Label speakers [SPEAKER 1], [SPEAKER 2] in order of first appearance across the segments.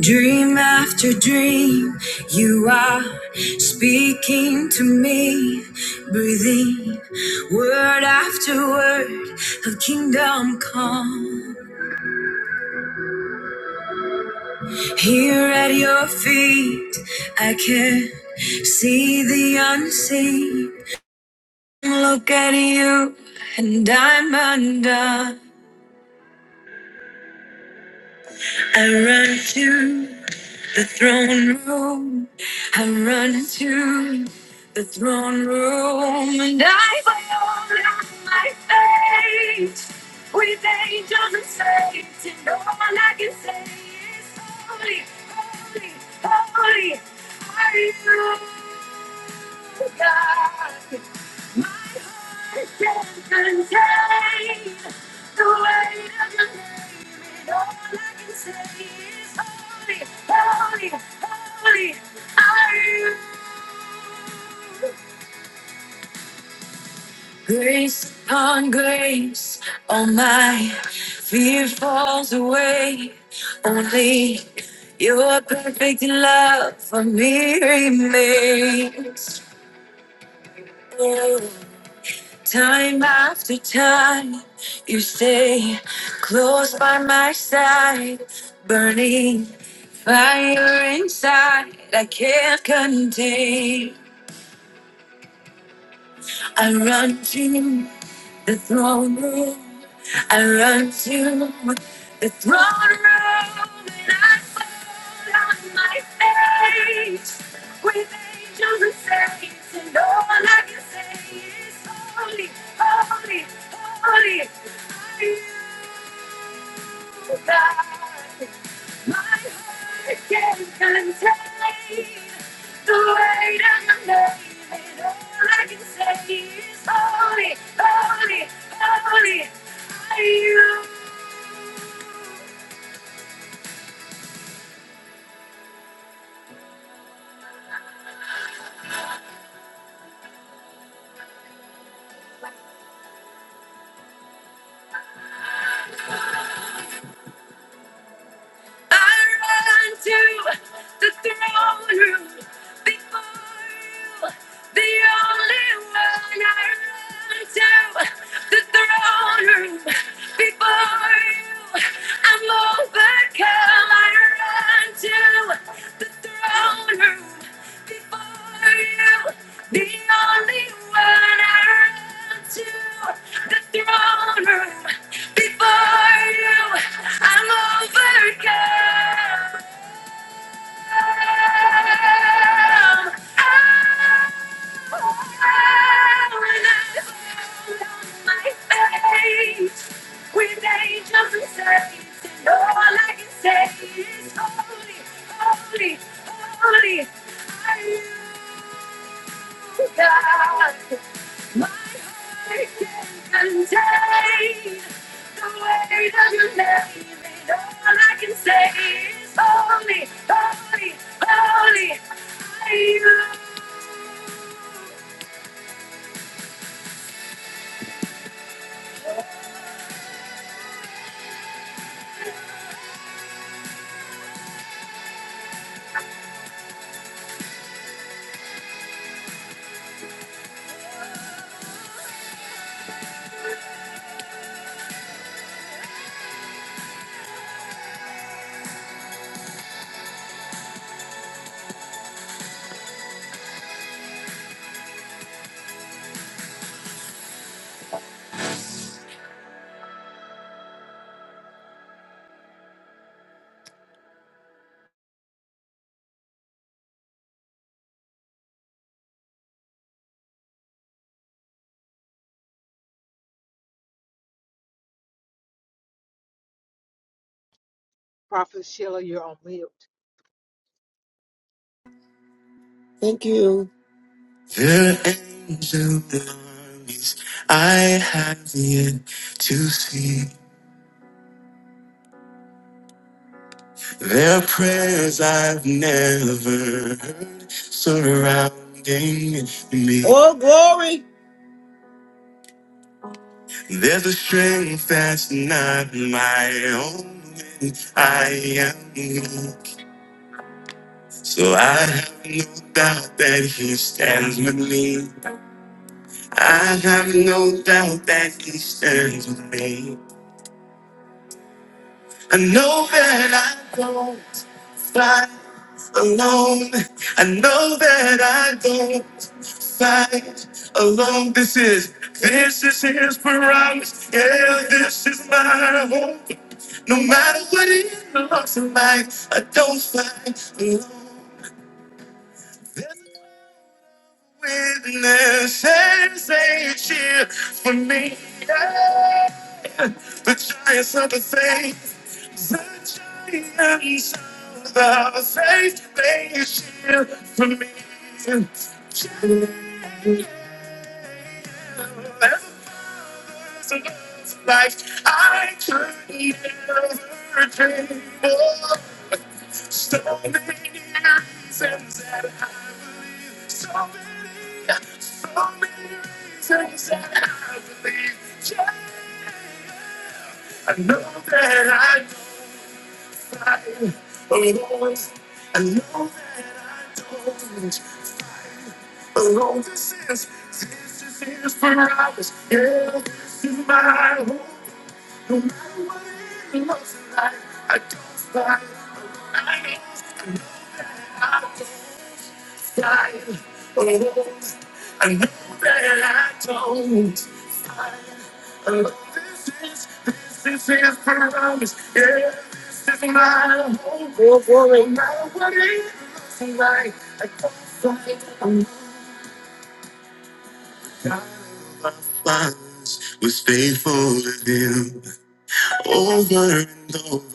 [SPEAKER 1] Dream after dream, you are speaking to me, breathing word after word of kingdom come. Here at your feet, I can see the unseen. Look at you, and I'm undone. I run to. The throne room, I run into the throne room, and I fall on my face with angels and saints, and all I can say is holy, holy, holy, are you God? Grace on grace, all my fear falls away. Only your perfect love for me remains. Oh. Time after time, you stay close by my side, burning fire inside I can't contain. I run to the throne room. I run to the throne room. And I fall on my face with angels and saints. And all I can say is, Holy, holy, holy are you, God. My heart can't contain the weight of your name. And all I can say is holy, holy, holy. are you. I run to the throne room before you, the only one. I run to the throne room before you. I'm overcome. I run to the throne room. The only one I run to, the throne room. Before you, I'm overcome. Oh, when I fall on my face with angels and saints, and all I can say is holy, holy, holy. are you. God, my heart can contain the weight of your name. And all I can say is holy, holy, holy. are you.
[SPEAKER 2] Prophet Sheila, you're on mute.
[SPEAKER 1] Oh, glory. Was, was faithful to him. Over and over,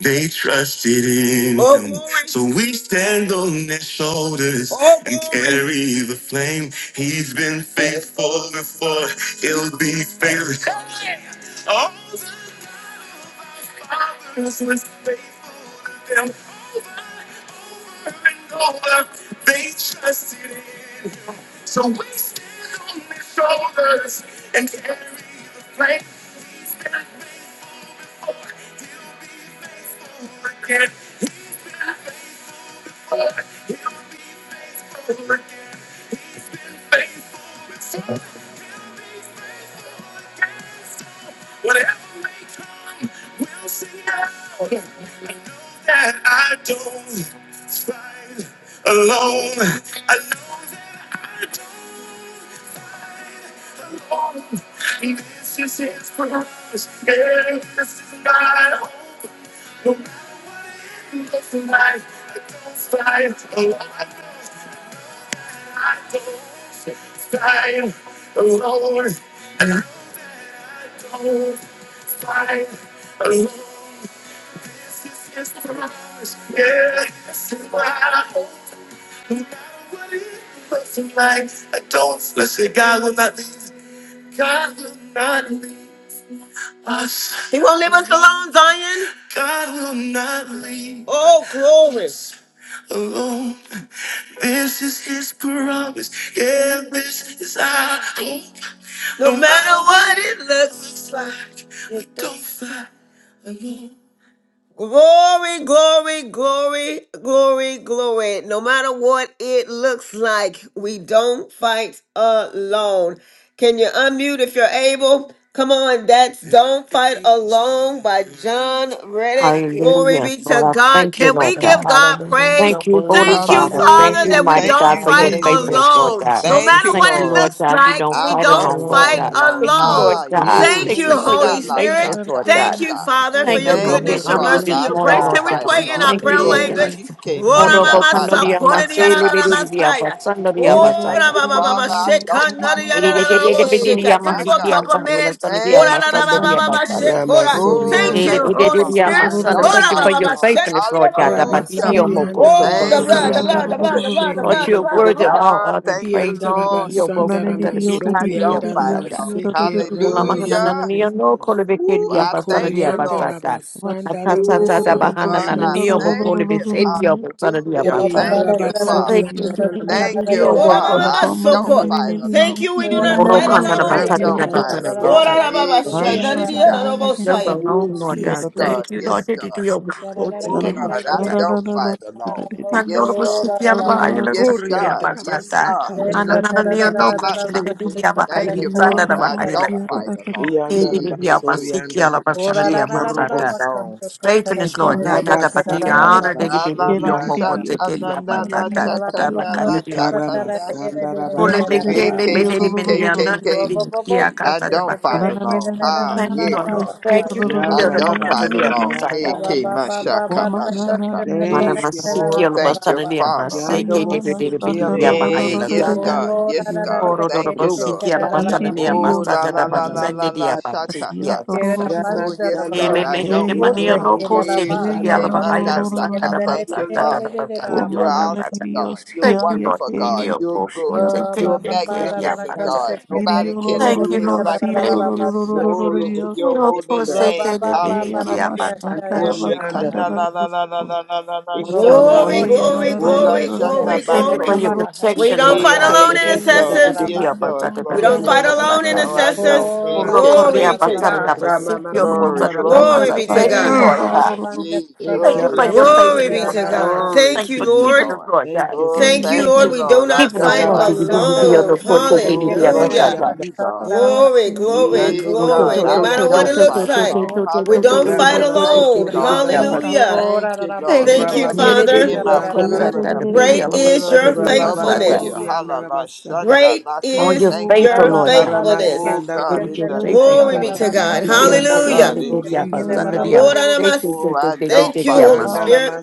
[SPEAKER 1] they trusted in oh, him. glory. So we stand on their shoulders Oh, and glory. carry the flame. He's been faithful before, he'll be faithful. I don't, let's say God will not leave. God will not leave us. He won't leave us alone, Zion. God will not leave. Oh, glory. Alone. This is his promise. Yeah, this is our hope. No matter what it looks like, it don't fly. Glory, glory, glory, glory, glory. No matter what it looks like, we don't fight alone. Can you unmute if you're able? Come on, that's Don't Fight Alone by John Reddick. Glory
[SPEAKER 3] Hallelujah.
[SPEAKER 1] be
[SPEAKER 3] Lord,
[SPEAKER 1] to
[SPEAKER 3] I
[SPEAKER 1] God.
[SPEAKER 3] thank you,
[SPEAKER 1] Can
[SPEAKER 3] Lord
[SPEAKER 1] we give
[SPEAKER 3] God.
[SPEAKER 1] God
[SPEAKER 4] Hallelujah.
[SPEAKER 1] praise?
[SPEAKER 3] Thank
[SPEAKER 4] Your
[SPEAKER 3] you, Holy
[SPEAKER 4] word,
[SPEAKER 1] Thank
[SPEAKER 4] dear
[SPEAKER 1] you,
[SPEAKER 3] Father.
[SPEAKER 4] God.
[SPEAKER 3] Thank
[SPEAKER 1] Father,
[SPEAKER 3] you,
[SPEAKER 5] Hallelujah.
[SPEAKER 1] that we
[SPEAKER 3] mighty
[SPEAKER 5] Thank
[SPEAKER 3] God,
[SPEAKER 1] don't
[SPEAKER 5] you,
[SPEAKER 3] for your
[SPEAKER 1] fight
[SPEAKER 4] Hallelujah.
[SPEAKER 5] Jesus.
[SPEAKER 3] faithfulness, Lord
[SPEAKER 4] Thank
[SPEAKER 1] alone.
[SPEAKER 4] you,
[SPEAKER 3] God.
[SPEAKER 1] No
[SPEAKER 5] Thank
[SPEAKER 1] matter
[SPEAKER 4] Jesus.
[SPEAKER 5] you,
[SPEAKER 3] Thank
[SPEAKER 1] what
[SPEAKER 3] you,
[SPEAKER 1] it
[SPEAKER 5] Lord.
[SPEAKER 3] Lord
[SPEAKER 1] looks
[SPEAKER 3] God. We
[SPEAKER 1] like,
[SPEAKER 3] don't
[SPEAKER 5] I
[SPEAKER 1] we
[SPEAKER 3] fight
[SPEAKER 1] don't
[SPEAKER 3] alone,
[SPEAKER 5] don't
[SPEAKER 3] Lord
[SPEAKER 1] fight
[SPEAKER 5] fight
[SPEAKER 4] Glory.
[SPEAKER 3] God.
[SPEAKER 5] alone.
[SPEAKER 3] Thank you,
[SPEAKER 4] Hallelujah.
[SPEAKER 1] alone.
[SPEAKER 3] Lord
[SPEAKER 5] Ha,
[SPEAKER 4] Thank you,
[SPEAKER 3] God.
[SPEAKER 5] yay.
[SPEAKER 1] Thank
[SPEAKER 3] Thank
[SPEAKER 1] you,
[SPEAKER 3] you
[SPEAKER 6] Holy
[SPEAKER 4] Jesus.
[SPEAKER 3] for
[SPEAKER 6] God,
[SPEAKER 5] Kinda
[SPEAKER 3] your
[SPEAKER 1] Holy
[SPEAKER 5] la
[SPEAKER 1] Spirit.
[SPEAKER 3] faithfulness, Lord God.
[SPEAKER 5] shataka
[SPEAKER 1] Thank you,
[SPEAKER 5] la.
[SPEAKER 1] Father, for
[SPEAKER 3] Thank
[SPEAKER 1] your
[SPEAKER 3] you,
[SPEAKER 4] Hallelujah.
[SPEAKER 3] Lord.
[SPEAKER 5] Thank
[SPEAKER 4] Your
[SPEAKER 3] We
[SPEAKER 5] you,
[SPEAKER 1] goodness, your
[SPEAKER 3] honor you
[SPEAKER 1] mercy,
[SPEAKER 5] Father.
[SPEAKER 3] this
[SPEAKER 4] word,
[SPEAKER 5] I
[SPEAKER 1] your
[SPEAKER 4] dear
[SPEAKER 3] morning,
[SPEAKER 1] grace.
[SPEAKER 5] don't
[SPEAKER 3] Lord
[SPEAKER 1] Can
[SPEAKER 4] God.
[SPEAKER 1] we
[SPEAKER 3] God.
[SPEAKER 5] fight
[SPEAKER 1] pray
[SPEAKER 3] We
[SPEAKER 1] in our
[SPEAKER 5] alone.
[SPEAKER 3] thank
[SPEAKER 4] Your
[SPEAKER 1] prayer
[SPEAKER 3] you, Lord
[SPEAKER 5] Hey,
[SPEAKER 3] God.
[SPEAKER 1] language?
[SPEAKER 4] word,
[SPEAKER 5] shike
[SPEAKER 1] Ora
[SPEAKER 5] manda
[SPEAKER 3] Orobo
[SPEAKER 4] dear
[SPEAKER 1] mama
[SPEAKER 5] la
[SPEAKER 1] sa
[SPEAKER 5] ta
[SPEAKER 3] kandoria
[SPEAKER 1] kore ni
[SPEAKER 5] kanda
[SPEAKER 1] ana
[SPEAKER 3] masele
[SPEAKER 1] na
[SPEAKER 5] la
[SPEAKER 1] na
[SPEAKER 4] God.
[SPEAKER 5] sata.
[SPEAKER 3] lelelelea
[SPEAKER 1] masaya.
[SPEAKER 3] basandria
[SPEAKER 5] Oh, thank
[SPEAKER 1] Ora
[SPEAKER 3] basaya.
[SPEAKER 5] you,
[SPEAKER 1] ba ba ba ba
[SPEAKER 5] Father. I
[SPEAKER 1] sheka
[SPEAKER 5] don't
[SPEAKER 1] na
[SPEAKER 5] fight
[SPEAKER 1] ni
[SPEAKER 3] My
[SPEAKER 1] ana na
[SPEAKER 5] alone.
[SPEAKER 1] na
[SPEAKER 3] son,
[SPEAKER 1] mo
[SPEAKER 5] Hey,
[SPEAKER 1] sheka. Just
[SPEAKER 5] my
[SPEAKER 1] for a
[SPEAKER 5] God.
[SPEAKER 1] couple of minutes. Ora
[SPEAKER 5] Thank
[SPEAKER 1] na na
[SPEAKER 5] you,
[SPEAKER 1] na ba ba
[SPEAKER 5] Jesus.
[SPEAKER 1] ba shekora.
[SPEAKER 5] Oh,
[SPEAKER 1] Thank
[SPEAKER 7] Ramasorianda
[SPEAKER 1] you,
[SPEAKER 5] thank you,
[SPEAKER 1] Holy
[SPEAKER 5] Father. I
[SPEAKER 1] Spirit.
[SPEAKER 7] Rabasanda
[SPEAKER 5] don't
[SPEAKER 3] thank
[SPEAKER 1] Ora
[SPEAKER 3] you
[SPEAKER 1] ba
[SPEAKER 3] for
[SPEAKER 5] fight
[SPEAKER 1] ba
[SPEAKER 3] your
[SPEAKER 1] ba
[SPEAKER 7] Ramaseke
[SPEAKER 5] alone.
[SPEAKER 1] sheka
[SPEAKER 3] faithfulness,
[SPEAKER 1] ni
[SPEAKER 3] Lord
[SPEAKER 1] ana na
[SPEAKER 3] God.
[SPEAKER 1] na
[SPEAKER 5] Hallelujah.
[SPEAKER 1] masaya.
[SPEAKER 7] Rabasorianda
[SPEAKER 1] Oh, the
[SPEAKER 5] Thank you,
[SPEAKER 1] blood, the
[SPEAKER 7] Ramasanda
[SPEAKER 1] blood, the
[SPEAKER 5] Jesus.
[SPEAKER 1] blood, the blood, the
[SPEAKER 3] Lord,
[SPEAKER 1] blood,
[SPEAKER 7] Rabasheke
[SPEAKER 1] the
[SPEAKER 3] you're
[SPEAKER 1] blood, the
[SPEAKER 3] worthy of
[SPEAKER 1] blood.
[SPEAKER 3] all
[SPEAKER 5] Oh,
[SPEAKER 3] honor and
[SPEAKER 5] thank you,
[SPEAKER 3] praise.
[SPEAKER 7] Ianda
[SPEAKER 5] Lord.
[SPEAKER 6] Manana
[SPEAKER 7] Rabasanda
[SPEAKER 5] I don't
[SPEAKER 7] Ramasorianda
[SPEAKER 5] fight alone.
[SPEAKER 7] Ramaseke
[SPEAKER 5] Hallelujah.
[SPEAKER 7] Rabasike
[SPEAKER 5] Ooh, I thank you,
[SPEAKER 7] Ikorianda
[SPEAKER 5] Lord.
[SPEAKER 7] Rabasanda
[SPEAKER 5] Ooh,
[SPEAKER 7] Ramasanda
[SPEAKER 5] God, I
[SPEAKER 7] Ramase
[SPEAKER 5] thank you. Hallelujah.
[SPEAKER 8] Ora
[SPEAKER 5] Thank you, Father.
[SPEAKER 7] Eyarabasorianda
[SPEAKER 5] Thank
[SPEAKER 3] Thank
[SPEAKER 5] you,
[SPEAKER 1] Ora
[SPEAKER 6] Dios,
[SPEAKER 3] you.
[SPEAKER 5] Father.
[SPEAKER 1] mama
[SPEAKER 7] Ramasorianda
[SPEAKER 5] I don't
[SPEAKER 1] masoko.
[SPEAKER 5] fight
[SPEAKER 7] Ramaseke
[SPEAKER 5] alone.
[SPEAKER 1] Thank you. We do not fight
[SPEAKER 3] Orokana
[SPEAKER 5] I
[SPEAKER 1] alone.
[SPEAKER 3] batata
[SPEAKER 7] Ramasorianda
[SPEAKER 3] da
[SPEAKER 5] don't fight
[SPEAKER 3] batata da
[SPEAKER 5] alone.
[SPEAKER 7] Ramasorianda
[SPEAKER 1] Ora baba
[SPEAKER 5] He keep
[SPEAKER 1] shandari
[SPEAKER 7] Shaka
[SPEAKER 5] Usha.
[SPEAKER 3] Never
[SPEAKER 1] Messiah.
[SPEAKER 3] alone,
[SPEAKER 5] Ooh,
[SPEAKER 3] Lord God.
[SPEAKER 5] Yes,
[SPEAKER 7] Isanda
[SPEAKER 5] God.
[SPEAKER 3] Thank you, Lord.
[SPEAKER 5] Yes,
[SPEAKER 3] Did you
[SPEAKER 5] God.
[SPEAKER 3] do your work to
[SPEAKER 5] Oh,
[SPEAKER 3] get your
[SPEAKER 5] God, I
[SPEAKER 3] batata?
[SPEAKER 5] don't fight alone.
[SPEAKER 3] I know
[SPEAKER 5] Yes,
[SPEAKER 3] the
[SPEAKER 5] God.
[SPEAKER 3] city of Bahamas,
[SPEAKER 5] Yes,
[SPEAKER 3] your
[SPEAKER 7] Coriander
[SPEAKER 5] God. Yes,
[SPEAKER 3] batata.
[SPEAKER 5] God.
[SPEAKER 7] Rabasika
[SPEAKER 3] And another near
[SPEAKER 7] Ramashanda
[SPEAKER 3] no question to
[SPEAKER 5] Hashakanda
[SPEAKER 3] do
[SPEAKER 7] Ramaseke
[SPEAKER 3] the
[SPEAKER 5] Thank you,
[SPEAKER 3] Bahamas, under the
[SPEAKER 5] Father. I don't
[SPEAKER 3] Bahamas.
[SPEAKER 5] fight alone.
[SPEAKER 3] Maybe
[SPEAKER 7] Yanda
[SPEAKER 5] Eh,
[SPEAKER 3] we
[SPEAKER 5] eh,
[SPEAKER 3] are
[SPEAKER 5] eh, eh.
[SPEAKER 3] Masiki,
[SPEAKER 7] Rabasorianda
[SPEAKER 3] Alabasana, the
[SPEAKER 7] Rabasheke
[SPEAKER 3] Amasata.
[SPEAKER 7] Robosa
[SPEAKER 5] Alone.
[SPEAKER 3] Faithfulness, Lord. Da da da
[SPEAKER 5] Amen.
[SPEAKER 3] ba, your
[SPEAKER 7] Ramasata
[SPEAKER 3] honor, that it
[SPEAKER 5] La la
[SPEAKER 3] be your
[SPEAKER 5] la
[SPEAKER 3] more
[SPEAKER 7] Rabashorianda
[SPEAKER 3] to
[SPEAKER 5] shaka
[SPEAKER 3] get
[SPEAKER 7] Rabas
[SPEAKER 3] your
[SPEAKER 5] na na
[SPEAKER 3] batata.
[SPEAKER 5] la
[SPEAKER 3] Da
[SPEAKER 5] taka
[SPEAKER 3] da ba,
[SPEAKER 5] na la taka na shi.
[SPEAKER 7] Ikaramasanda
[SPEAKER 3] Ole
[SPEAKER 5] K
[SPEAKER 3] bekele
[SPEAKER 7] Rabashorianda
[SPEAKER 5] K
[SPEAKER 3] bedeli
[SPEAKER 5] K
[SPEAKER 7] Rabas
[SPEAKER 3] beni
[SPEAKER 5] K K
[SPEAKER 3] yana na
[SPEAKER 5] K.
[SPEAKER 8] Roba,
[SPEAKER 3] bizi ya
[SPEAKER 5] I
[SPEAKER 3] kata da
[SPEAKER 5] don't fight
[SPEAKER 3] bakta.
[SPEAKER 5] alone. Ah,
[SPEAKER 3] Thank you
[SPEAKER 5] yeah,
[SPEAKER 3] Lord.
[SPEAKER 5] Lord.
[SPEAKER 3] Thank you
[SPEAKER 8] basaya.
[SPEAKER 3] Lord.
[SPEAKER 5] I
[SPEAKER 7] Yanda
[SPEAKER 3] Yara
[SPEAKER 5] don't
[SPEAKER 3] kata da
[SPEAKER 5] fight
[SPEAKER 3] diya
[SPEAKER 5] alone. Hey,
[SPEAKER 3] masata.
[SPEAKER 7] Rabasorianda
[SPEAKER 5] K
[SPEAKER 8] Aba, ba
[SPEAKER 7] Rabaseke
[SPEAKER 8] ba
[SPEAKER 5] mashaka
[SPEAKER 6] Womana na
[SPEAKER 5] mashaka.
[SPEAKER 6] diyo
[SPEAKER 3] Mana
[SPEAKER 7] Thank you, Father.
[SPEAKER 3] masiki
[SPEAKER 5] Oh,
[SPEAKER 3] yala
[SPEAKER 5] thank you,
[SPEAKER 3] basana diya
[SPEAKER 5] Father.
[SPEAKER 7] Yanda
[SPEAKER 6] Aya
[SPEAKER 3] masike
[SPEAKER 6] la
[SPEAKER 3] de de
[SPEAKER 6] la
[SPEAKER 3] de de
[SPEAKER 7] Boseke
[SPEAKER 6] sanda la
[SPEAKER 3] diya
[SPEAKER 6] la
[SPEAKER 7] Robos
[SPEAKER 6] la la
[SPEAKER 5] Hey,
[SPEAKER 3] bahayala
[SPEAKER 6] la la
[SPEAKER 5] yes,
[SPEAKER 3] sata.
[SPEAKER 7] Yanda
[SPEAKER 5] God.
[SPEAKER 6] diyo
[SPEAKER 5] Yes,
[SPEAKER 6] siya ya.
[SPEAKER 5] God.
[SPEAKER 3] Oro do do
[SPEAKER 5] Thank you, Lord.
[SPEAKER 3] masiki yala
[SPEAKER 7] Roboshanda
[SPEAKER 3] basana
[SPEAKER 6] Idi
[SPEAKER 3] diya
[SPEAKER 5] Oh,
[SPEAKER 6] diyo
[SPEAKER 5] la
[SPEAKER 3] masata
[SPEAKER 6] siya
[SPEAKER 5] la
[SPEAKER 3] da
[SPEAKER 7] Rabasikanda
[SPEAKER 5] la
[SPEAKER 6] ya
[SPEAKER 5] la la
[SPEAKER 3] basende
[SPEAKER 6] ki.
[SPEAKER 5] la
[SPEAKER 3] diya
[SPEAKER 7] Rabasata
[SPEAKER 3] masiki
[SPEAKER 6] Ashiya
[SPEAKER 5] shata
[SPEAKER 3] yala
[SPEAKER 6] to ro
[SPEAKER 3] sata.
[SPEAKER 6] ro ro.
[SPEAKER 5] Oh, yes,
[SPEAKER 7] Ramasanda
[SPEAKER 5] God,
[SPEAKER 3] Ele
[SPEAKER 5] I
[SPEAKER 3] mehe de
[SPEAKER 5] don't
[SPEAKER 6] Hey
[SPEAKER 7] Rabasheke
[SPEAKER 5] fight
[SPEAKER 3] mani
[SPEAKER 6] la.
[SPEAKER 3] yano
[SPEAKER 5] alone.
[SPEAKER 3] kose
[SPEAKER 5] Hey,
[SPEAKER 3] de
[SPEAKER 6] Hey
[SPEAKER 5] she
[SPEAKER 6] ya
[SPEAKER 3] yala
[SPEAKER 5] came
[SPEAKER 6] no ro
[SPEAKER 7] Robos
[SPEAKER 6] ro
[SPEAKER 5] under
[SPEAKER 3] bahayala
[SPEAKER 6] ro ro ro
[SPEAKER 3] sata
[SPEAKER 5] Saka.
[SPEAKER 3] da
[SPEAKER 5] Thank you,
[SPEAKER 3] basata da
[SPEAKER 7] Yandara,
[SPEAKER 3] da
[SPEAKER 5] Father.
[SPEAKER 3] basata diya
[SPEAKER 5] You're
[SPEAKER 7] Yandara,
[SPEAKER 6] na
[SPEAKER 5] awesome,
[SPEAKER 3] masata.
[SPEAKER 6] diyo
[SPEAKER 5] God. You're
[SPEAKER 3] Thank
[SPEAKER 6] siya
[SPEAKER 3] you
[SPEAKER 6] ya
[SPEAKER 3] Lord.
[SPEAKER 5] wonderful,
[SPEAKER 6] kaya
[SPEAKER 5] God.
[SPEAKER 6] no
[SPEAKER 3] Diya
[SPEAKER 5] You're
[SPEAKER 3] bobo
[SPEAKER 5] good.
[SPEAKER 3] kose
[SPEAKER 6] na na
[SPEAKER 3] ke
[SPEAKER 6] na.
[SPEAKER 5] You're
[SPEAKER 3] de ke
[SPEAKER 7] Rama,
[SPEAKER 3] diya
[SPEAKER 5] magnificent,
[SPEAKER 3] masata.
[SPEAKER 7] Yandara,
[SPEAKER 5] God.
[SPEAKER 6] Iri
[SPEAKER 5] Nobody
[SPEAKER 6] yo lo
[SPEAKER 5] can
[SPEAKER 7] Sekiro,
[SPEAKER 6] lo lo
[SPEAKER 3] Thank you,
[SPEAKER 5] do us
[SPEAKER 6] diyo
[SPEAKER 3] Lord.
[SPEAKER 5] like you
[SPEAKER 6] siya ro
[SPEAKER 3] Thank
[SPEAKER 5] do
[SPEAKER 6] ro
[SPEAKER 3] you.
[SPEAKER 6] ro
[SPEAKER 5] us.
[SPEAKER 6] ro ro ro ro
[SPEAKER 5] Glory
[SPEAKER 7] Yandoro,
[SPEAKER 5] to your
[SPEAKER 3] Lord,
[SPEAKER 7] Sori,
[SPEAKER 3] for
[SPEAKER 5] holy
[SPEAKER 7] Yandara,
[SPEAKER 3] sake of
[SPEAKER 5] name.
[SPEAKER 3] the
[SPEAKER 6] Hey
[SPEAKER 3] baby,
[SPEAKER 6] la
[SPEAKER 3] keep up
[SPEAKER 6] ma
[SPEAKER 3] our
[SPEAKER 5] Hallelujah.
[SPEAKER 3] back,
[SPEAKER 6] shanda
[SPEAKER 3] back.
[SPEAKER 7] Victor,
[SPEAKER 6] la ma
[SPEAKER 5] Ushe
[SPEAKER 8] Rabba
[SPEAKER 6] kanda
[SPEAKER 5] kanda
[SPEAKER 6] la
[SPEAKER 7] Yandara,
[SPEAKER 6] ro
[SPEAKER 5] la la
[SPEAKER 6] ro
[SPEAKER 5] la la
[SPEAKER 6] ro.
[SPEAKER 5] la la la la
[SPEAKER 3] Lord, you're
[SPEAKER 7] Ekoro,
[SPEAKER 3] more
[SPEAKER 5] shanta.
[SPEAKER 8] Robobobo
[SPEAKER 1] Glory,
[SPEAKER 3] than
[SPEAKER 6] Hey ya
[SPEAKER 7] Sori,
[SPEAKER 3] enough,
[SPEAKER 6] la
[SPEAKER 1] glory,
[SPEAKER 6] la
[SPEAKER 3] Lord
[SPEAKER 6] la
[SPEAKER 8] shekena
[SPEAKER 6] la
[SPEAKER 3] God.
[SPEAKER 5] Ula
[SPEAKER 1] glory,
[SPEAKER 6] la la
[SPEAKER 8] mandere
[SPEAKER 1] glory,
[SPEAKER 5] shanda
[SPEAKER 3] Thank
[SPEAKER 8] kela
[SPEAKER 6] oshiya
[SPEAKER 3] you for
[SPEAKER 6] la
[SPEAKER 1] glory.
[SPEAKER 6] bo
[SPEAKER 3] your
[SPEAKER 8] raba
[SPEAKER 5] bakoko.
[SPEAKER 8] ha
[SPEAKER 1] We
[SPEAKER 3] protection,
[SPEAKER 7] Victor,
[SPEAKER 1] don't
[SPEAKER 3] Lord
[SPEAKER 1] fight
[SPEAKER 8] shakotara
[SPEAKER 3] God.
[SPEAKER 5] Eke,
[SPEAKER 1] alone,
[SPEAKER 7] Yandara,
[SPEAKER 3] Thank you
[SPEAKER 5] yes,
[SPEAKER 8] kendere
[SPEAKER 3] for
[SPEAKER 5] Lord.
[SPEAKER 3] the
[SPEAKER 6] Ay,
[SPEAKER 1] intercessors.
[SPEAKER 8] raba.
[SPEAKER 3] baby,
[SPEAKER 6] ay,
[SPEAKER 5] Yes,
[SPEAKER 3] up our
[SPEAKER 5] Lord.
[SPEAKER 3] side, back,
[SPEAKER 1] We
[SPEAKER 3] back,
[SPEAKER 5] Glory.
[SPEAKER 1] don't
[SPEAKER 6] ay,
[SPEAKER 3] up
[SPEAKER 1] fight
[SPEAKER 3] our
[SPEAKER 7] Yandoro,
[SPEAKER 3] side,
[SPEAKER 1] alone,
[SPEAKER 3] back.
[SPEAKER 5] No,
[SPEAKER 9] Mm.
[SPEAKER 7] Sori,
[SPEAKER 5] I
[SPEAKER 7] Yandara,
[SPEAKER 5] don't.
[SPEAKER 1] intercessors.
[SPEAKER 5] Hey,
[SPEAKER 7] Ramas,
[SPEAKER 8] Ora
[SPEAKER 3] Uro
[SPEAKER 5] K,
[SPEAKER 8] rara
[SPEAKER 1] Glory
[SPEAKER 3] korea
[SPEAKER 5] K,
[SPEAKER 8] rara
[SPEAKER 1] be to
[SPEAKER 5] K,
[SPEAKER 8] raba
[SPEAKER 3] basara
[SPEAKER 5] K.
[SPEAKER 3] na
[SPEAKER 1] God.
[SPEAKER 8] saya.
[SPEAKER 3] basiki
[SPEAKER 7] Ramamas,
[SPEAKER 3] ono
[SPEAKER 5] Glory,
[SPEAKER 3] basara
[SPEAKER 7] Sandara,
[SPEAKER 3] dia
[SPEAKER 1] Glory
[SPEAKER 5] glory
[SPEAKER 3] masa.
[SPEAKER 1] be
[SPEAKER 5] to
[SPEAKER 1] to
[SPEAKER 3] Thank
[SPEAKER 7] Sekiro,
[SPEAKER 3] you,
[SPEAKER 1] God.
[SPEAKER 5] you,
[SPEAKER 10] Yeah.
[SPEAKER 8] Keta
[SPEAKER 3] Lord
[SPEAKER 8] rara
[SPEAKER 5] Father.
[SPEAKER 3] God.
[SPEAKER 8] raba
[SPEAKER 5] Yea,
[SPEAKER 8] mandere
[SPEAKER 3] Thank
[SPEAKER 8] kora
[SPEAKER 3] you for
[SPEAKER 5] glory
[SPEAKER 3] your
[SPEAKER 8] kere
[SPEAKER 7] Ekeramas,
[SPEAKER 5] to
[SPEAKER 3] faith,
[SPEAKER 1] Glory
[SPEAKER 8] kere
[SPEAKER 1] be
[SPEAKER 8] ra
[SPEAKER 3] Lord
[SPEAKER 1] to
[SPEAKER 7] Yandara,
[SPEAKER 8] raba.
[SPEAKER 3] God.
[SPEAKER 1] God.
[SPEAKER 5] glory
[SPEAKER 7] Maset.
[SPEAKER 1] Thank
[SPEAKER 3] Thank you
[SPEAKER 1] you,
[SPEAKER 5] to
[SPEAKER 3] for
[SPEAKER 5] you,
[SPEAKER 3] keeping
[SPEAKER 1] Lord.
[SPEAKER 3] us,
[SPEAKER 5] Lord.
[SPEAKER 3] Lord
[SPEAKER 7] Thank
[SPEAKER 3] God.
[SPEAKER 7] you,
[SPEAKER 6] ay,
[SPEAKER 5] Lord,
[SPEAKER 7] thank
[SPEAKER 1] Thank
[SPEAKER 6] ay,
[SPEAKER 1] you,
[SPEAKER 7] you,
[SPEAKER 5] thank
[SPEAKER 3] Thank you for
[SPEAKER 1] Lord.
[SPEAKER 5] you,
[SPEAKER 7] thank
[SPEAKER 1] We
[SPEAKER 7] you.
[SPEAKER 1] do
[SPEAKER 5] Lord. I
[SPEAKER 1] not
[SPEAKER 3] keeping us,
[SPEAKER 5] don't
[SPEAKER 1] fight
[SPEAKER 3] Lord God.
[SPEAKER 8] Ora
[SPEAKER 5] fight
[SPEAKER 3] Thank you
[SPEAKER 5] alone.
[SPEAKER 7] Rabasandara,
[SPEAKER 3] for keeping
[SPEAKER 8] katana
[SPEAKER 1] alone.
[SPEAKER 3] us, Lord God.
[SPEAKER 6] ay,
[SPEAKER 3] Thank
[SPEAKER 8] mandere
[SPEAKER 3] you for
[SPEAKER 7] Masekiro,
[SPEAKER 5] Oh,
[SPEAKER 3] keeping
[SPEAKER 8] kere
[SPEAKER 3] us, Lord
[SPEAKER 5] glory to
[SPEAKER 1] Hallelujah.
[SPEAKER 8] raba
[SPEAKER 7] Moshianda,
[SPEAKER 5] you, God.
[SPEAKER 8] saya raba.
[SPEAKER 1] Glory, glory,
[SPEAKER 5] Yea,
[SPEAKER 7] Mandoro,
[SPEAKER 5] God,
[SPEAKER 1] glory. No
[SPEAKER 5] I
[SPEAKER 7] Sori,
[SPEAKER 1] matter what it
[SPEAKER 5] don't
[SPEAKER 7] Yandara,
[SPEAKER 1] looks
[SPEAKER 5] fight
[SPEAKER 3] God.
[SPEAKER 7] Maset.
[SPEAKER 3] Thank
[SPEAKER 1] like,
[SPEAKER 5] alone.
[SPEAKER 3] you
[SPEAKER 1] we don't fight
[SPEAKER 5] Hallelujah.
[SPEAKER 7] Ramama
[SPEAKER 3] for
[SPEAKER 5] Thank you,
[SPEAKER 1] alone.
[SPEAKER 7] Soto
[SPEAKER 5] God.
[SPEAKER 3] keeping us,
[SPEAKER 7] Riandana
[SPEAKER 3] Lord God.
[SPEAKER 1] Hallelujah.
[SPEAKER 5] Thank
[SPEAKER 8] Ora
[SPEAKER 5] you,
[SPEAKER 8] rara
[SPEAKER 5] Lord,
[SPEAKER 3] Thank you,
[SPEAKER 1] Thank
[SPEAKER 8] mandere
[SPEAKER 1] you,
[SPEAKER 7] Ramba
[SPEAKER 3] Lord. Did
[SPEAKER 5] for
[SPEAKER 3] it, did
[SPEAKER 8] kere
[SPEAKER 1] Father.
[SPEAKER 5] being
[SPEAKER 8] kara
[SPEAKER 5] my
[SPEAKER 8] rara
[SPEAKER 7] Masotorianda
[SPEAKER 5] wheel
[SPEAKER 8] raba
[SPEAKER 7] Rama,
[SPEAKER 5] in the
[SPEAKER 8] saya.
[SPEAKER 5] midst
[SPEAKER 1] Great
[SPEAKER 3] of a
[SPEAKER 1] is
[SPEAKER 5] wheel
[SPEAKER 3] brother,
[SPEAKER 1] your
[SPEAKER 3] dear,
[SPEAKER 7] Ramba
[SPEAKER 3] my
[SPEAKER 5] of a
[SPEAKER 7] Baba
[SPEAKER 5] wheel.
[SPEAKER 1] faithfulness.
[SPEAKER 7] Sorianda Rama
[SPEAKER 5] Hallelujah.
[SPEAKER 7] Sata,
[SPEAKER 5] Shanda
[SPEAKER 1] Great
[SPEAKER 5] lata.
[SPEAKER 3] On
[SPEAKER 1] is
[SPEAKER 3] your
[SPEAKER 5] Thank
[SPEAKER 3] faithful,
[SPEAKER 1] your
[SPEAKER 5] you,
[SPEAKER 8] Aba
[SPEAKER 3] Lord God.
[SPEAKER 8] baba
[SPEAKER 7] Ikarama
[SPEAKER 8] de
[SPEAKER 1] faithfulness.
[SPEAKER 5] Oh
[SPEAKER 8] keshe
[SPEAKER 3] Did
[SPEAKER 5] God,
[SPEAKER 7] Sandarama,
[SPEAKER 5] in
[SPEAKER 3] your
[SPEAKER 8] kendere
[SPEAKER 5] the
[SPEAKER 3] faithful,
[SPEAKER 8] kara
[SPEAKER 5] name
[SPEAKER 1] Glory
[SPEAKER 3] Lord
[SPEAKER 1] be
[SPEAKER 5] of
[SPEAKER 3] God.
[SPEAKER 1] to
[SPEAKER 8] rara
[SPEAKER 1] God.
[SPEAKER 8] raba
[SPEAKER 5] Jesus,
[SPEAKER 8] saya
[SPEAKER 7] Iandorobo
[SPEAKER 5] God,
[SPEAKER 1] Hallelujah.
[SPEAKER 5] in
[SPEAKER 3] yeah,
[SPEAKER 8] kendere kere
[SPEAKER 7] Sorianda
[SPEAKER 8] kere
[SPEAKER 5] Jesus'
[SPEAKER 8] ra
[SPEAKER 7] Rama,
[SPEAKER 5] name.
[SPEAKER 1] Lord,
[SPEAKER 8] raba.
[SPEAKER 1] I
[SPEAKER 3] Thank
[SPEAKER 1] must
[SPEAKER 3] you,
[SPEAKER 5] Oh,
[SPEAKER 3] thank you,
[SPEAKER 5] I don't
[SPEAKER 1] thank you,
[SPEAKER 3] yeah,
[SPEAKER 5] fight
[SPEAKER 1] Holy
[SPEAKER 5] alone.
[SPEAKER 7] Shandarama
[SPEAKER 1] Spirit.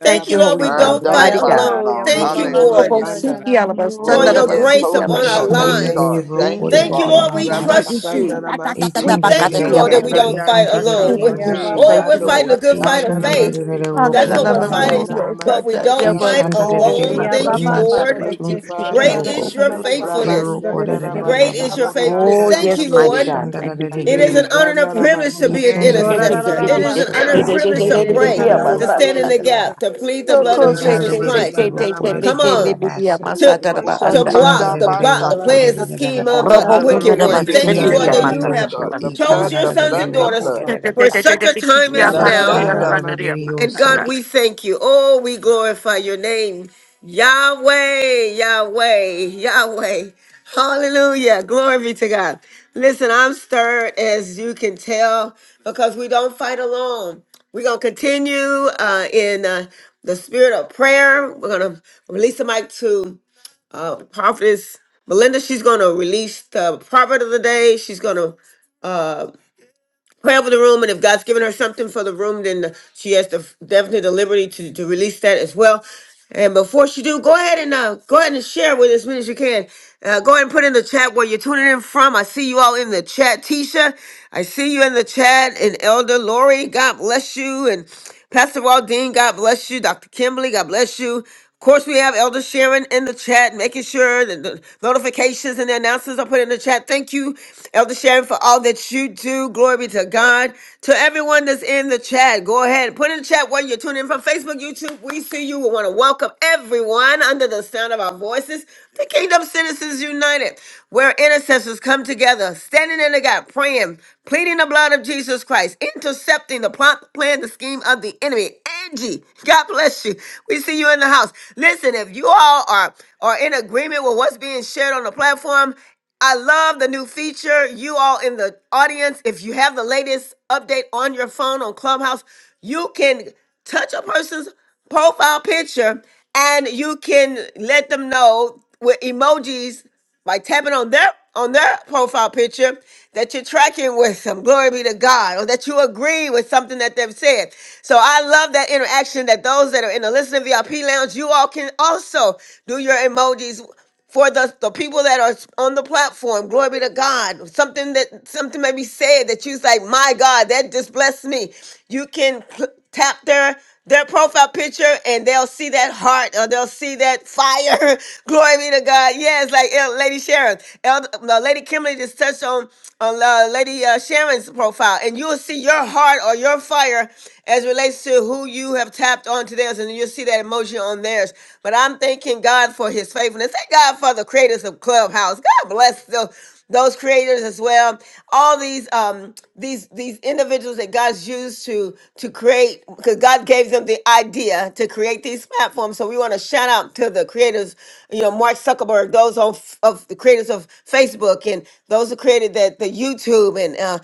[SPEAKER 1] Thank you, Lord.
[SPEAKER 3] Holy
[SPEAKER 1] We
[SPEAKER 5] I
[SPEAKER 3] Father,
[SPEAKER 1] don't
[SPEAKER 5] don't
[SPEAKER 1] fight
[SPEAKER 3] mighty
[SPEAKER 5] fight
[SPEAKER 3] God.
[SPEAKER 8] Ayaba,
[SPEAKER 1] alone.
[SPEAKER 5] alone.
[SPEAKER 1] Thank you,
[SPEAKER 8] Yababa
[SPEAKER 7] Doromo
[SPEAKER 3] Oh,
[SPEAKER 1] Lord,
[SPEAKER 5] Hallelujah.
[SPEAKER 8] Koshana
[SPEAKER 7] Shandara.
[SPEAKER 8] Namasta,
[SPEAKER 1] for
[SPEAKER 5] Oh,
[SPEAKER 1] your
[SPEAKER 5] yes,
[SPEAKER 1] grace upon
[SPEAKER 5] holy. Oh,
[SPEAKER 1] our
[SPEAKER 6] ay,
[SPEAKER 7] Thank you,
[SPEAKER 5] yes,
[SPEAKER 7] thank
[SPEAKER 1] lives.
[SPEAKER 11] Shandere
[SPEAKER 5] God.
[SPEAKER 7] you,
[SPEAKER 6] Iyo
[SPEAKER 7] thank
[SPEAKER 11] roko
[SPEAKER 5] Thank you,
[SPEAKER 7] you.
[SPEAKER 11] da da
[SPEAKER 1] Thank you,
[SPEAKER 11] da
[SPEAKER 5] Father,
[SPEAKER 11] da
[SPEAKER 1] Lord.
[SPEAKER 5] in
[SPEAKER 11] la
[SPEAKER 1] We
[SPEAKER 7] Rama
[SPEAKER 3] Thank
[SPEAKER 11] basa.
[SPEAKER 5] Jesus'
[SPEAKER 3] you,
[SPEAKER 1] trust
[SPEAKER 5] name.
[SPEAKER 3] Jesus.
[SPEAKER 1] you.
[SPEAKER 7] Sandarama
[SPEAKER 1] We
[SPEAKER 11] Etun da da da
[SPEAKER 1] thank
[SPEAKER 3] Thank
[SPEAKER 1] you,
[SPEAKER 7] Sekorianda
[SPEAKER 1] Lord, that
[SPEAKER 5] Eke
[SPEAKER 1] we
[SPEAKER 7] Rama,
[SPEAKER 11] roko
[SPEAKER 1] don't
[SPEAKER 11] e
[SPEAKER 5] manda
[SPEAKER 1] fight
[SPEAKER 11] hande de de
[SPEAKER 5] shaka
[SPEAKER 1] alone.
[SPEAKER 11] de
[SPEAKER 1] We're,
[SPEAKER 3] you,
[SPEAKER 5] manda.
[SPEAKER 3] Jesus.
[SPEAKER 7] Eh,
[SPEAKER 11] yoso.
[SPEAKER 1] oh,
[SPEAKER 3] Thank
[SPEAKER 8] Yababa,
[SPEAKER 1] we're fighting
[SPEAKER 7] Yandobo
[SPEAKER 1] a good fight of
[SPEAKER 11] Etun da da
[SPEAKER 7] Shandarama
[SPEAKER 8] Babakoshkin
[SPEAKER 1] faith.
[SPEAKER 11] da da da
[SPEAKER 7] Seke,
[SPEAKER 1] That's
[SPEAKER 11] roko
[SPEAKER 1] what
[SPEAKER 11] da da
[SPEAKER 1] we're
[SPEAKER 3] Oh,
[SPEAKER 11] da da
[SPEAKER 8] Mandarabas,
[SPEAKER 11] la
[SPEAKER 1] fighting,
[SPEAKER 11] ba.
[SPEAKER 7] Yandarama
[SPEAKER 1] but we don't
[SPEAKER 5] Oh,
[SPEAKER 11] E
[SPEAKER 1] fight
[SPEAKER 7] Sandarama
[SPEAKER 5] Thank
[SPEAKER 11] shanda da
[SPEAKER 5] you
[SPEAKER 11] da
[SPEAKER 5] for
[SPEAKER 7] Sata.
[SPEAKER 11] da
[SPEAKER 5] your
[SPEAKER 1] alone.
[SPEAKER 11] roko
[SPEAKER 1] Thank
[SPEAKER 11] e
[SPEAKER 1] you,
[SPEAKER 8] Yababa,
[SPEAKER 11] wan
[SPEAKER 5] grace.
[SPEAKER 11] su
[SPEAKER 1] Lord.
[SPEAKER 7] Thank
[SPEAKER 11] tun
[SPEAKER 7] you,
[SPEAKER 11] da
[SPEAKER 8] Madaka
[SPEAKER 11] da da da
[SPEAKER 7] Father.
[SPEAKER 1] Great
[SPEAKER 5] Thank
[SPEAKER 11] yoko.
[SPEAKER 5] you
[SPEAKER 1] is your
[SPEAKER 5] for your
[SPEAKER 8] Sikarabas,
[SPEAKER 11] E
[SPEAKER 5] grace
[SPEAKER 1] faithfulness.
[SPEAKER 5] and
[SPEAKER 8] Sundar
[SPEAKER 11] roko da
[SPEAKER 5] your
[SPEAKER 7] Rabasenda
[SPEAKER 11] da da da la
[SPEAKER 5] mercy.
[SPEAKER 1] Great
[SPEAKER 7] Rabashu
[SPEAKER 1] is your
[SPEAKER 8] Kirama,
[SPEAKER 11] basa.
[SPEAKER 1] faithfulness.
[SPEAKER 7] Torianda
[SPEAKER 1] Thank
[SPEAKER 3] yes,
[SPEAKER 1] you,
[SPEAKER 11] E
[SPEAKER 3] mighty
[SPEAKER 5] Oh,
[SPEAKER 1] Lord.
[SPEAKER 7] Ramasete.
[SPEAKER 3] God.
[SPEAKER 5] thank
[SPEAKER 11] shanda
[SPEAKER 5] you
[SPEAKER 11] da
[SPEAKER 3] Thank
[SPEAKER 11] da
[SPEAKER 3] you,
[SPEAKER 5] for
[SPEAKER 11] da
[SPEAKER 5] all
[SPEAKER 11] da
[SPEAKER 1] It is
[SPEAKER 3] Jesus.
[SPEAKER 7] E
[SPEAKER 1] an honor
[SPEAKER 11] roko.
[SPEAKER 1] and
[SPEAKER 5] the
[SPEAKER 7] Yanda
[SPEAKER 1] a
[SPEAKER 5] pain,
[SPEAKER 3] Thank
[SPEAKER 1] privilege
[SPEAKER 5] Lord.
[SPEAKER 1] to
[SPEAKER 7] Ramasata.
[SPEAKER 1] be an
[SPEAKER 11] Etun
[SPEAKER 5] The
[SPEAKER 11] da da da da da
[SPEAKER 1] intercessor.
[SPEAKER 11] da
[SPEAKER 5] agony,
[SPEAKER 1] It is
[SPEAKER 8] Yorabas,
[SPEAKER 1] an
[SPEAKER 5] the
[SPEAKER 11] yoso.
[SPEAKER 1] honor and
[SPEAKER 5] torment,
[SPEAKER 1] privilege
[SPEAKER 11] da
[SPEAKER 1] to
[SPEAKER 11] da da
[SPEAKER 8] Kirid
[SPEAKER 11] da
[SPEAKER 1] pray,
[SPEAKER 11] da
[SPEAKER 5] in
[SPEAKER 1] to
[SPEAKER 7] Torianda
[SPEAKER 11] roko
[SPEAKER 1] stand
[SPEAKER 11] da
[SPEAKER 8] Kanadabos,
[SPEAKER 1] in
[SPEAKER 11] da
[SPEAKER 1] the
[SPEAKER 11] da la
[SPEAKER 5] Jesus'
[SPEAKER 11] ba.
[SPEAKER 1] gap, to plead the
[SPEAKER 5] name.
[SPEAKER 1] blood of
[SPEAKER 11] E
[SPEAKER 7] Torianda
[SPEAKER 8] Sundarabas,
[SPEAKER 5] Help
[SPEAKER 11] hande
[SPEAKER 1] Jesus
[SPEAKER 11] da
[SPEAKER 5] me,
[SPEAKER 11] da
[SPEAKER 1] Christ.
[SPEAKER 7] Ramasanda
[SPEAKER 11] roko da da
[SPEAKER 1] Come
[SPEAKER 11] da da
[SPEAKER 7] Ramasanda.
[SPEAKER 11] la
[SPEAKER 1] on,
[SPEAKER 11] basa.
[SPEAKER 1] to
[SPEAKER 7] Robo
[SPEAKER 1] to
[SPEAKER 11] Etun
[SPEAKER 1] block
[SPEAKER 7] Sorianda
[SPEAKER 11] da
[SPEAKER 5] Hoshakanda
[SPEAKER 1] the
[SPEAKER 11] da da
[SPEAKER 1] plot, the
[SPEAKER 8] Alabas,
[SPEAKER 11] roko
[SPEAKER 5] Bashaka.
[SPEAKER 7] Rabashata.
[SPEAKER 11] da
[SPEAKER 1] plans,
[SPEAKER 11] da
[SPEAKER 1] the
[SPEAKER 11] da da
[SPEAKER 1] scheme
[SPEAKER 11] la ba.
[SPEAKER 1] of the
[SPEAKER 7] Yanda
[SPEAKER 1] wicked
[SPEAKER 7] Robo
[SPEAKER 1] one.
[SPEAKER 5] Hallelujah.
[SPEAKER 8] Kirid
[SPEAKER 1] Thank
[SPEAKER 11] Itunda
[SPEAKER 1] you,
[SPEAKER 11] da
[SPEAKER 5] Yes,
[SPEAKER 11] da
[SPEAKER 7] Sorianda
[SPEAKER 1] Lord, that
[SPEAKER 11] da
[SPEAKER 5] God.
[SPEAKER 11] di
[SPEAKER 1] you
[SPEAKER 5] Yes,
[SPEAKER 7] Rabasete.
[SPEAKER 1] have
[SPEAKER 5] God.
[SPEAKER 11] ocho,
[SPEAKER 5] The
[SPEAKER 11] ikana
[SPEAKER 1] chose
[SPEAKER 5] blood,
[SPEAKER 11] da
[SPEAKER 1] your
[SPEAKER 5] the
[SPEAKER 11] da da
[SPEAKER 1] sons
[SPEAKER 11] da
[SPEAKER 5] blood,
[SPEAKER 1] and
[SPEAKER 5] the
[SPEAKER 7] Thank you,
[SPEAKER 11] roko
[SPEAKER 1] daughters
[SPEAKER 11] da
[SPEAKER 5] blood.
[SPEAKER 11] da da
[SPEAKER 7] Father.
[SPEAKER 11] da
[SPEAKER 1] for
[SPEAKER 11] da ba.
[SPEAKER 1] such a
[SPEAKER 3] you,
[SPEAKER 1] time as
[SPEAKER 5] The
[SPEAKER 1] now
[SPEAKER 5] blood,
[SPEAKER 11] Ishana
[SPEAKER 7] Ramasanda
[SPEAKER 11] da
[SPEAKER 8] Narama,
[SPEAKER 5] the
[SPEAKER 11] da da
[SPEAKER 3] Jesus.
[SPEAKER 11] di
[SPEAKER 1] and
[SPEAKER 7] Ramasete.
[SPEAKER 11] oso,
[SPEAKER 1] God, we thank you. Oh, we glorify your name. Yahweh, Yahweh, Yahweh. Hallelujah. Glory be to God. Listen, I'm stirred as you can tell because we don't fight alone. We're going to continue uh, in uh, the spirit of prayer. We're going to release the mic to uh, Prophetess Melinda. She's going to release the proverb of the day. She's going to pray over the room and if god's given her something for the room then she has the definitely the liberty to, to release that as well and before she do go ahead and uh, go ahead and share with as many as you can uh, go ahead and put in the chat where you're tuning in from i see you all in the chat tisha i see you in the chat and elder lori god bless you and Pastor Waldine, God bless you. Dr. Kimberly, God bless you. Of course, we have Elder Sharon in the chat, making sure that the notifications and the announcements are put in the chat. Thank you, Elder Sharon, for all that you do. Glory be to God. To everyone that's in the chat, go ahead. Put in the chat where you're tuning in from Facebook, YouTube. We see you. We want to welcome everyone under the sound of our voices. The Kingdom Citizens United, where intercessors come together, standing in the gap, praying, pleading the blood of Jesus Christ, intercepting the plot, plan, the scheme of the enemy. Angie, God bless you. We see you in the house. Listen, if you all are, are in agreement with what's being shared on the platform, I love the new feature. You all in the audience, if you have the latest update on your phone on Clubhouse, you can touch a person's profile picture and you can let them know with emojis by tapping on their on their profile picture that you're tracking with them glory be to god or that you agree with something that they've said so i love that interaction that those that are in the listening vip lounge you all can also do your emojis for the, the people that are on the platform. Glory be to God. Something that something may be said that you's like, my God, that just blessed me. You can pl- tap their their profile picture and they'll see that heart or they'll see that fire. Glory be to God. Yes, like El- Lady Sharon, El- no, Lady Kimberly just touched on on uh, Lady uh, Sharon's profile, and you'll see your heart or your fire as it relates to who you have tapped on to theirs, and you'll see that emotion on theirs. But I'm thanking God for his faithfulness. Thank God for the creators of Clubhouse. God bless tho- those creators as well. All these um these these individuals that God's used to to create because God gave them the idea to create these platforms. So we want to shout out to the creators, you know, Mark Zuckerberg, those on of the creators of Facebook and those who created that the YouTube and uh,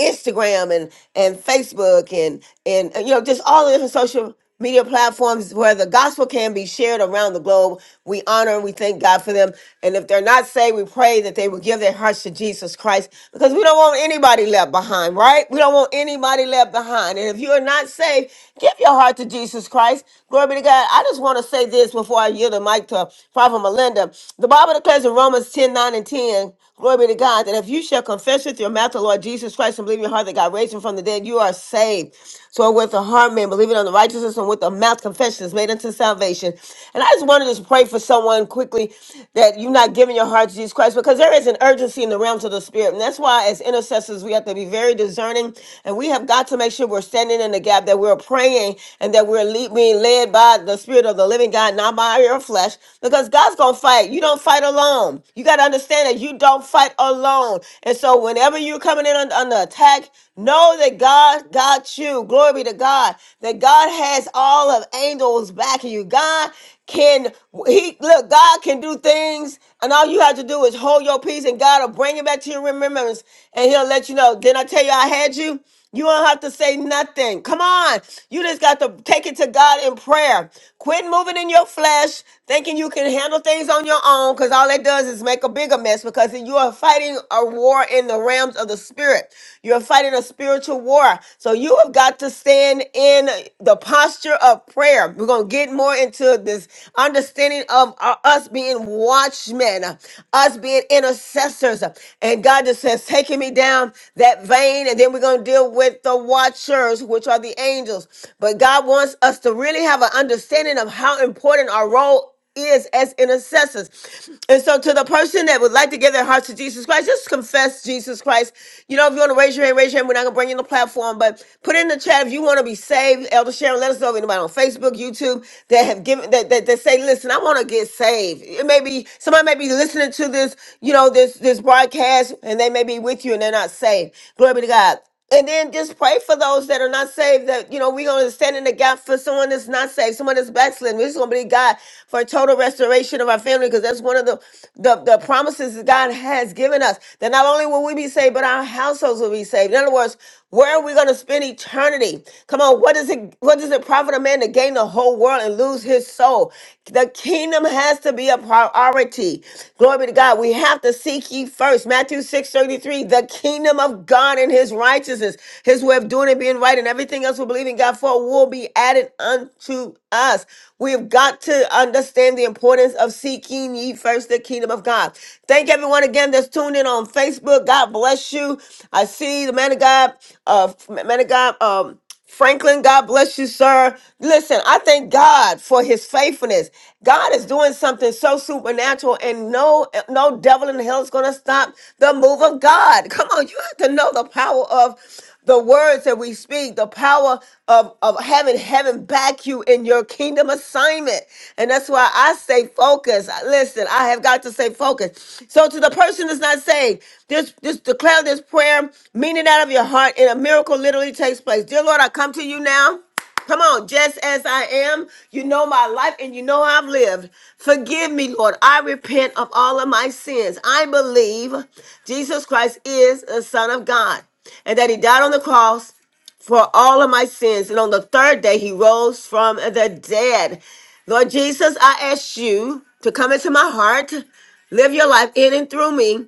[SPEAKER 1] Instagram and and Facebook and and uh, you know just all the different social media platforms where the gospel can be shared around the globe. We honor and we thank God for them. And if they're not saved, we pray that they will give their hearts to Jesus Christ because we don't want anybody left behind, right? We don't want anybody left behind. And if you are not saved, give your heart to Jesus Christ. Glory be to God. I just want to say this before I yield the mic to Prophet Melinda. The Bible declares in Romans 10 9 and 10, glory be to God, that if you shall confess with your mouth the Lord Jesus Christ and believe in your heart that God raised him from the dead, you are saved. So with the heart man, believing on the righteousness, and with the mouth, confession is made unto salvation. And I just wanted to pray for someone quickly that you're not giving your heart to Jesus Christ because there is an urgency in the realms of the spirit. And that's why as intercessors, we have to be very discerning and we have got to make sure we're standing in the gap, that we're praying and that we're lead, being led by the spirit of the living God, not by your flesh, because God's going to fight. You don't fight alone. You got to understand that you don't fight alone. And so whenever you're coming in under, under attack, attack, know that God got you. Glory be to God. That God has all of angels backing you. God can he look, God can do things, and all you have to do is hold your peace, and God will bring it back to your remembrance, and he'll let you know. Didn't I tell you I had you? You don't have to say nothing. Come on. You just got to take it to God in prayer. Quit moving in your flesh, thinking you can handle things on your own, because all that does is make a bigger mess because you are fighting a war in the realms of the spirit. You're fighting a spiritual war. So you have got to stand in the posture of prayer. We're going to get more into this understanding of uh, us being watchmen, us being being intercessors. And God just says, taking me down that vein. And then we're going to deal with the watchers, which are the angels. But God wants us to really have an understanding of how important our role is as intercessors. And so to the person that would like to give their hearts to Jesus Christ, just confess Jesus Christ. You know, if you want to raise your hand, raise your hand. We're not going to bring you on the platform, but put in the chat if you want to be saved. Elder Sharon, let us know if anybody on Facebook, YouTube that have given that that, that say, listen, I want to get saved. It may be somebody may be listening to this, you know, this this broadcast, and they may be with you and they're not saved. Glory be to God. And then just pray for those that are not saved. That you know, we're gonna stand in the gap for someone that's not saved, someone that's backslidden. We're just gonna believe God for total restoration of our family because that's one of the, the the promises that God has given us. That not only will we be saved, but our households will be saved. In other words, where we're going to spend eternity. Come on, what does it what does it profit a man to gain the whole world and lose his soul? The kingdom has to be a priority. Glory be to God. We have to seek ye first. Matthew 6 33. the kingdom of God and his righteousness, his way of doing it, being right, and everything else we believe in God for will be added unto us. We've got to understand the importance of seeking ye first the kingdom of God. Thank everyone again that's tuned in on Facebook. God bless you. I see the man of God, uh, man of God, um, Franklin, God bless you, sir. Listen, I thank God for his faithfulness. God is doing something so supernatural, and no, no devil in hell is gonna stop the move of God. Come on, you have to know the power of the words that we speak, the power of, of having heaven back you in your kingdom assignment. And that's why I say focus. Listen, I have got to say focus. So to the person that's not saved, just, just declare this prayer, meaning out of your heart, and a miracle literally takes place. Dear Lord, I come to you now. Come on, just as I am, you know my life and you know how I've lived. Forgive me, Lord. I repent of all of my sins. I believe Jesus Christ is the Son of God and that He died on the cross for all of my sins. And on the third day, He rose from the dead. Lord Jesus, I ask you to come into my heart, live your life in and through me.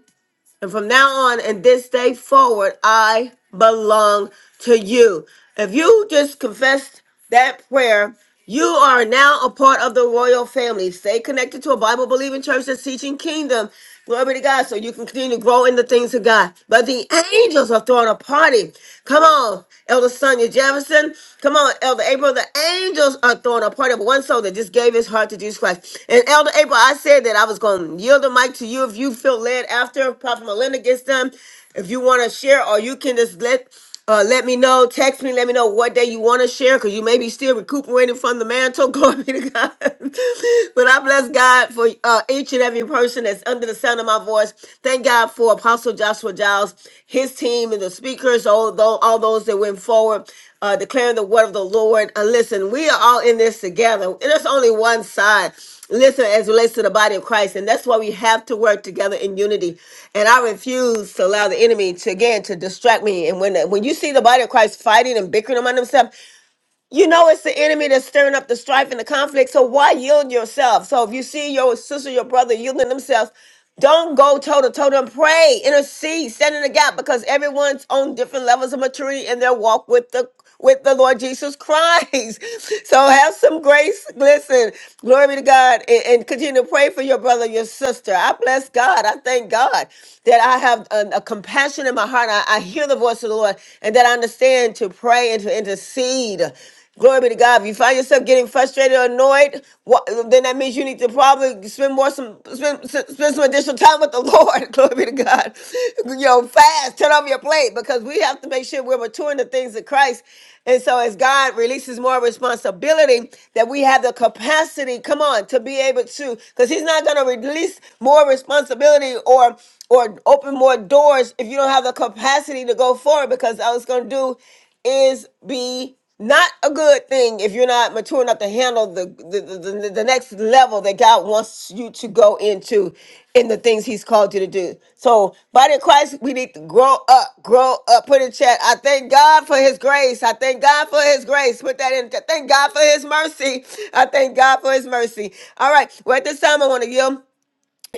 [SPEAKER 1] And from now on and this day forward, I belong to you. If you just confessed that prayer, you are now a part of the royal family. Stay connected to a Bible believing church that's teaching kingdom. Glory to God, so you can continue to grow in the things of God. But the angels are throwing a party. Come on, Elder Sonia Jefferson. Come on, Elder April angels are throwing a party of one soul that just gave his heart to Jesus Christ. And Elder April, I said that I was going to yield the mic to you if you feel led after Prophet Melinda gets done. If you want to share, or you can just let uh, let me know. Text me. Let me know what day you want to share because you may be still recuperating from the mantle. Glory be to God. but I bless God for uh, each and every person that's under the sound of my voice. Thank God for Apostle Joshua Giles, his team, and the speakers, all, tho- all those that went forward uh, declaring the word of the Lord. Uh, listen, we are all in this together. And there's only one side. Listen, as it relates to the body of Christ, and that's why we have to work together in unity. And I refuse to allow the enemy to again to distract me. And when when you see the body of Christ fighting and bickering among themselves, you know it's the enemy that's stirring up the strife and the conflict. So why yield yourself? So if you see your sister, your brother yielding themselves, don't go toe to toe. Them pray, intercede, stand in the gap because everyone's on different levels of maturity in their walk with the with the Lord Jesus Christ. So have some grace. Listen, glory be to God, and, and continue to pray for your brother, your sister. I bless God. I thank God that I have a, a compassion in my heart. I, I hear the voice of the Lord, and that I understand to pray and to intercede. Glory be to God. If you find yourself getting frustrated or annoyed, what, then that means you need to probably spend more some spend, s- spend some additional time with the Lord. Glory be to God. Yo, fast, turn off your plate because we have to make sure we're maturing the things of Christ. And so as God releases more responsibility, that we have the capacity, come on, to be able to, because He's not gonna release more responsibility or or open more doors if you don't have the capacity to go forward because all it's gonna do is be not a good thing if you're not mature enough to handle the the, the, the the next level that God wants you to go into in the things He's called you to do. So, body of Christ, we need to grow up, grow up. Put in chat. I thank God for His grace. I thank God for His grace. Put that in. Thank God for His mercy. I thank God for His mercy. All right. Well, at this time, I want to yield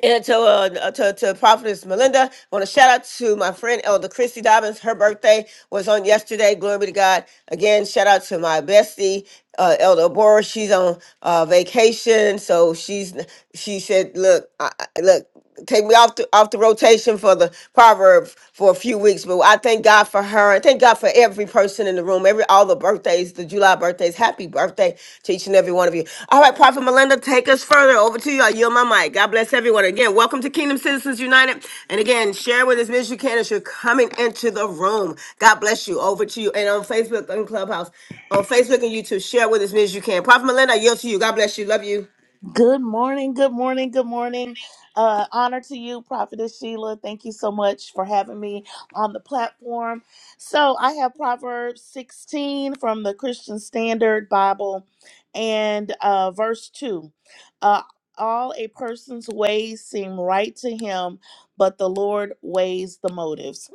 [SPEAKER 1] and to, uh, to, to Prophetess Melinda, I want to shout out to my friend Elder Christy Dobbins. Her birthday was on yesterday. Glory be to God. Again, shout out to my bestie, uh, Elder Bora. She's on uh, vacation, so she's she said, "Look, I, I- look." take me off the off the rotation for the proverb for a few weeks. But I thank God for her. I thank God for every person in the room. Every all the birthdays, the July birthdays. Happy birthday to each and every one of you. All right, Prophet Melinda, take us further. Over to you. I yield my mic. God bless everyone. Again, welcome to Kingdom Citizens United. And again, share with as many as you can as you're coming into the room. God bless you. Over to you. And on Facebook and Clubhouse. On Facebook and YouTube, share with as many as you can. Prophet Melinda, I yield to you. God bless you. Love you.
[SPEAKER 12] Good morning, good morning, good morning. Uh, honor to you, Prophetess Sheila. Thank you so much for having me on the platform. So, I have Proverbs 16 from the Christian Standard Bible and uh, verse 2. Uh, All a person's ways seem right to him, but the Lord weighs the motives.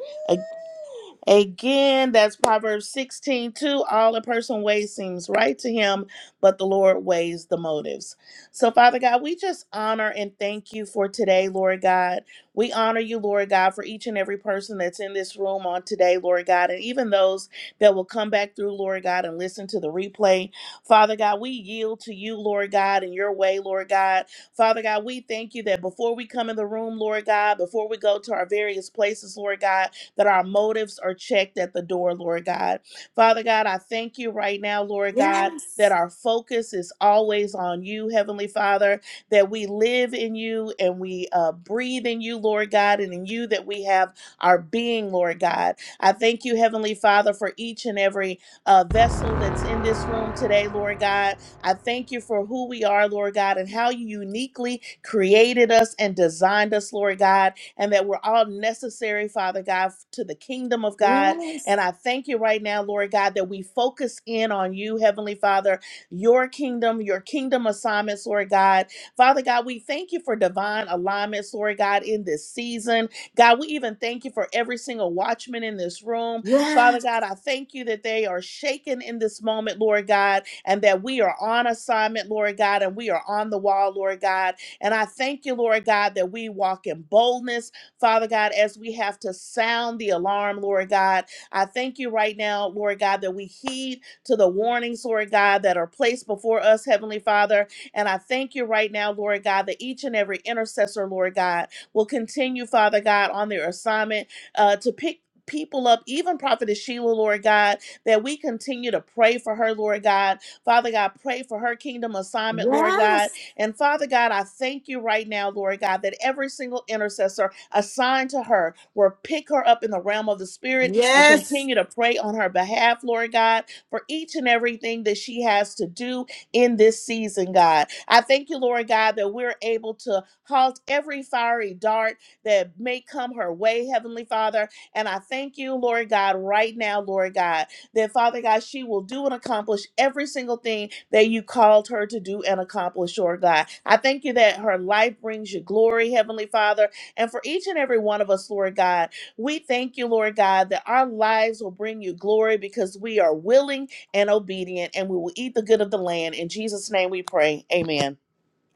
[SPEAKER 12] Again, that's Proverbs 16 2. All a person weighs seems right to him, but the Lord weighs the motives. So, Father God, we just honor and thank you for today, Lord God. We honor you, Lord God, for each and every person that's in this room on today, Lord God, and even those that will come back through, Lord God, and listen to the replay. Father God, we yield to you, Lord God, in your way, Lord God. Father God, we thank you that before we come in the room, Lord God, before we go to our various places, Lord God, that our motives are checked at the door, Lord God. Father God, I thank you right now, Lord God, that our focus is always on you, Heavenly Father, that we live in you and we uh, breathe in you, Lord God, and in you that we have our being, Lord God. I thank you, Heavenly Father, for each and every uh, vessel that's in this room today, Lord God. I thank you for who we are, Lord God, and how you uniquely created us and designed us, Lord God and that we're all necessary, Father God, to the kingdom of God. And I thank you right now, Lord God, that we focus in on you, Heavenly Father, your kingdom, your kingdom assignments, Lord God. Father God, we thank you for divine alignments, Lord God, in this season. God, we even thank you for every single watchman in this room. Father God, I thank you that they are shaken in this moment, Lord God, and that we are on assignment, Lord God, and we are on the wall, Lord God. And I thank you, Lord God, that we walk in boldness, Father God, as we have to sound the alarm, Lord God. I thank you right now, Lord God, that we heed to the warnings, Lord God, that are placed before us, Heavenly Father. And I thank you right now, Lord God, that each and every intercessor, Lord God, will continue, Father God, on their assignment uh, to pick. People up, even Prophetess Sheila, Lord God, that we continue to pray for her, Lord God. Father God, pray for her kingdom assignment, Lord God and Father God, I thank you right now, Lord God, that every single intercessor assigned to her will pick her up in the realm of the Spirit and
[SPEAKER 1] Yes.
[SPEAKER 12] continue to pray on her behalf, Lord God, for each and everything that she has to do in this season, God. I thank you, Lord God, that we're able to halt every fiery dart that may come her way, Heavenly Father. And I thank you, Lord God, right now, Lord God that Father God, she will do and accomplish every single thing that you called her to do and accomplish, Lord God. I thank you that her life brings you glory, Heavenly Father. And for each and every one of us, Lord God, we thank you, Lord God, that our lives will bring you glory because we are willing and obedient and we will eat the good of the land. In Jesus' name we pray. Amen.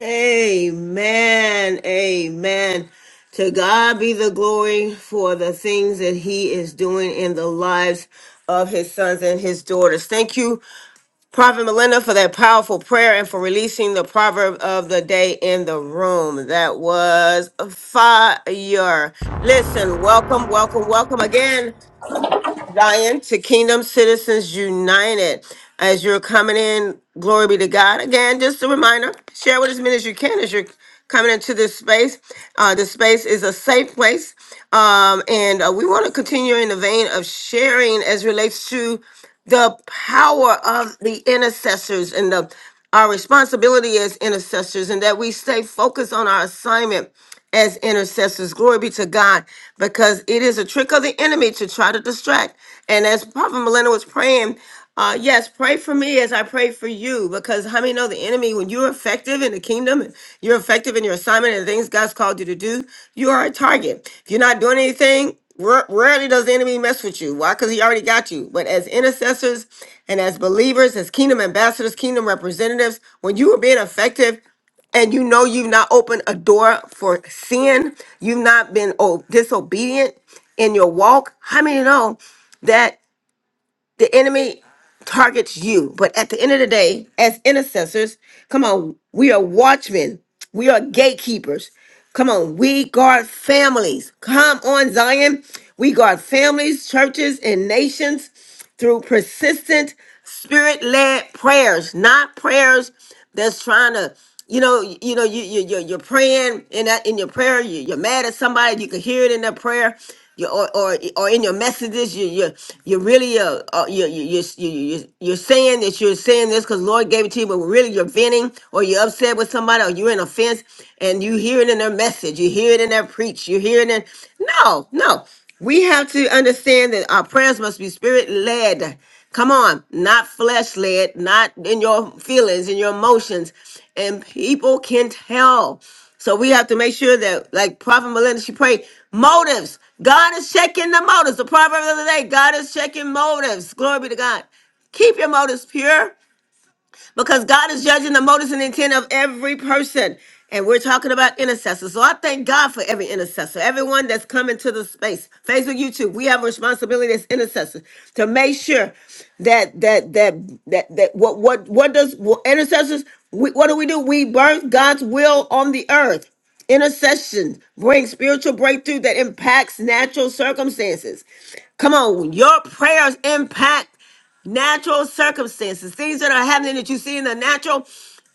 [SPEAKER 1] Amen. Amen. To God be the glory for the things that he is doing in the lives of his sons and his daughters. Thank you, Prophet Melinda, for that powerful prayer and for releasing the proverb of the day in the room. That was fire. Listen, welcome, welcome, welcome again. Zion to Kingdom Citizens United. As you're coming in, glory be to God. Again, just a reminder share with as many as you can as you're coming into this space. Uh, this space is a safe place. Um, and uh, we want to continue in the vein of sharing as relates to the power of the intercessors and the our responsibility as intercessors and that we stay focused on our assignment as intercessors. Glory be to God, because it is a trick of the enemy to try to distract. And as Prophet Milena was praying, uh, yes, pray for me as I pray for you, because how many know the enemy, when you're effective in the kingdom and you're effective in your assignment and the things God's called you to do, you are a target. If you're not doing anything, Ra- Rarely does the enemy mess with you. Why? Because he already got you. But as intercessors and as believers, as kingdom ambassadors, kingdom representatives, when you are being effective and you know you've not opened a door for sin, you've not been oh, disobedient in your walk, how many know that? the enemy targets you. But at the end of the day, as intercessors, come on, we are watchmen, we are gatekeepers. Come on, we guard families. Come on, Zion. We guard families, churches, and nations through persistent spirit led prayers, not prayers that's trying to you know y- you know you, you you're, you're praying in that in your prayer you, you're mad at somebody you can hear it in their prayer you, or, or or in your messages you you you really uh, uh you you you you you- you're saying that you're saying this because Lord gave it to you but really you're venting or you're upset with somebody or you're in offense and you hear it in their message you hear it in their preach you hear it in no no we have to understand that our prayers must be spirit led Come on, not flesh led, not in your feelings, in your emotions. And people can tell. So we have to make sure that, like Prophet Melinda, she prayed, motives. God is checking the motives. The proverb of the other day, God is checking motives. Glory be to God. Keep your motives pure because God is judging the motives and intent of every person. And we're talking about intercessors. So I thank God for every intercessor, everyone that's coming to the space. Facebook, YouTube, we have a responsibility as intercessors to make sure that that that that that what what what does what intercessors we, what do we do? We birth God's will on the earth. Intercession brings spiritual breakthrough that impacts natural circumstances. Come on, your prayers impact natural circumstances, things that are happening that you see in the natural,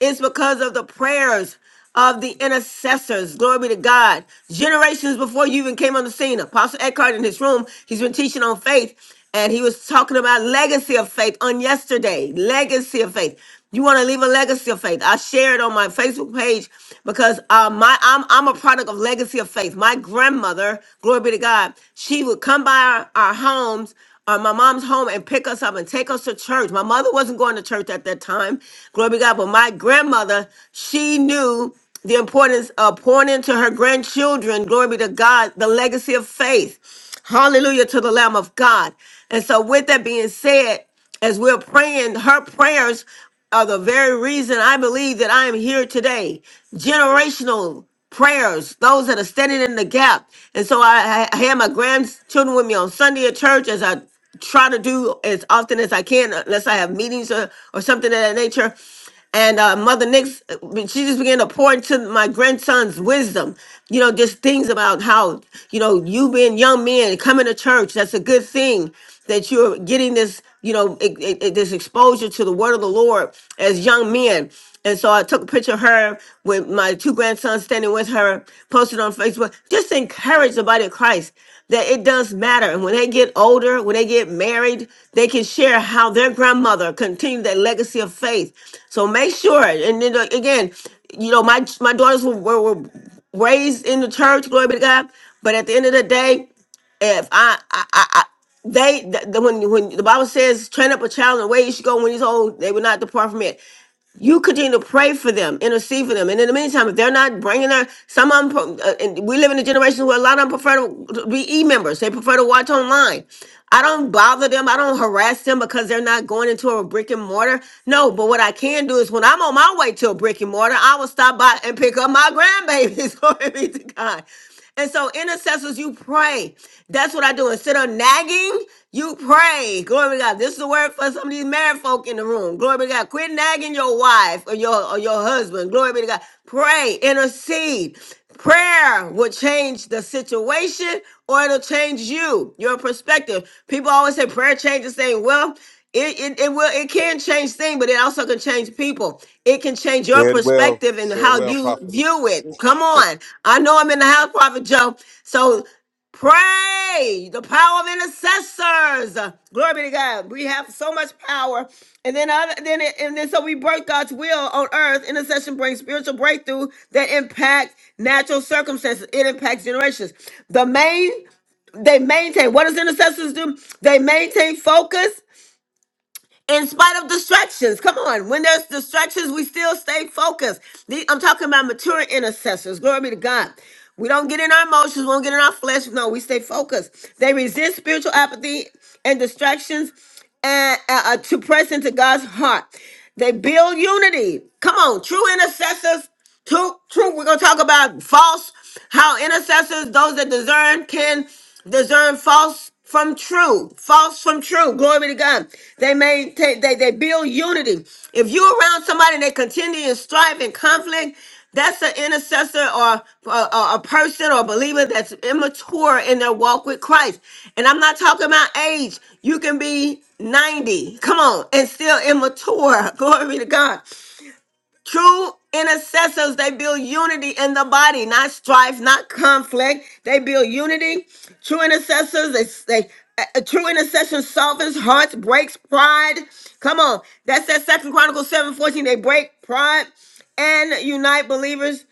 [SPEAKER 1] it's because of the prayers of the intercessors. Glory be to God. Generations before you even came on the scene, Apostle Eckhart in his room, he's been teaching on faith, and he was talking about legacy of faith on yesterday. Legacy of faith. You want to leave a legacy of faith? I share it on my Facebook page because uh, my I'm I'm a product of legacy of faith. My grandmother, glory be to God, she would come by our, our homes or my mom's home and pick us up and take us to church. My mother wasn't going to church at that time, glory be to God, but my grandmother, she knew the importance of pouring into her grandchildren, glory be to God, the legacy of faith. Hallelujah to the Lamb of God. And so, with that being said, as we're praying, her prayers are the very reason I believe that I am here today. Generational prayers, those that are standing in the gap. And so I, I I had my grandchildren with me on Sunday at church as I try to do as often as I can, unless I have meetings or, or something of that nature and uh, Mother Nix, uh, she just began to pour into my grandson's wisdom. You know, just things about how you know you being young men coming to church. That's a good thing that you're getting this. You know, e- e- e- this exposure to the word of the Lord as young men. And so I took a picture of her with my two grandsons standing with her, posted on Facebook, just to encourage the body of Christ that it does matter. And when they get older, when they get married, they can share how their grandmother continued that legacy of faith. So make sure. And then uh, again, you know, my my daughters were, were, were raised in the church, glory be to God. But at the end of the day, if I I, I, I they the, the- when when the Bible says train up a child in the way he should go when he's old, they will not depart from it you continue to pray for them, intercede for them. And in the meantime, if they're not bringing their, some of them, uh, and we live in a generation where a lot of them prefer to be e members, they prefer to watch online. I don't bother them, I don't harass them because they're not going into a brick and mortar. No, but what I can do is when I'm on my way to a brick and mortar, I will stop by and pick up my grandbabies. Glory be to God. And so, intercessors, you pray. That's what I do. Instead of nagging, you pray. Glory to God. This is the word for some of these married folk in the room. Glory be to God. Quit nagging your wife or your or your husband. Glory be to God. Pray, intercede. Prayer will change the situation or it'll change you, your perspective. People always say prayer changes things. Well, it, it it will it can change things, but it also can change people. It can change your
[SPEAKER 13] Said well,
[SPEAKER 1] perspective and
[SPEAKER 13] said
[SPEAKER 1] how
[SPEAKER 13] well,
[SPEAKER 1] you
[SPEAKER 13] prophetess.
[SPEAKER 1] view it. Come on. I know I'm in the house, Prophet Joe. So pray. The power of intercessors. Glory be to God. We have so much power. And then other then it, and then so we break God's will on earth. Intercession brings spiritual breakthrough that impact natural circumstances. It impacts generations. The main they maintain. What does intercessors do? They maintain focus in spite of distractions. Come on. When there's distractions, we still stay focused. The- I'm talking about mature intercessors. Glory be to God. We don't get in our emotions, we don't get in our flesh. No, we stay focused. They resist spiritual apathy and distractions and uh, uh, to press into God's heart. They build unity. Come on, true intercessors Two, true. We're gonna talk about false. How intercessors, those that discern, can discern false from true. False from true. Glory be to God. They maintain. They they build unity. If you're around somebody and they continue to strife and conflict, that's an intercessor or a, a a person or a believer that's immature in their walk with Christ. And I'm not talking about age. You can be 90, come on, and still immature. Glory be to God. True intercessors, they build unity in the body, not strife, not conflict. They build unity. True intercessors, they, they a true intercession softens hearts, breaks pride. Come on. That's that second Chronicles 7 14. They break pride and unite believers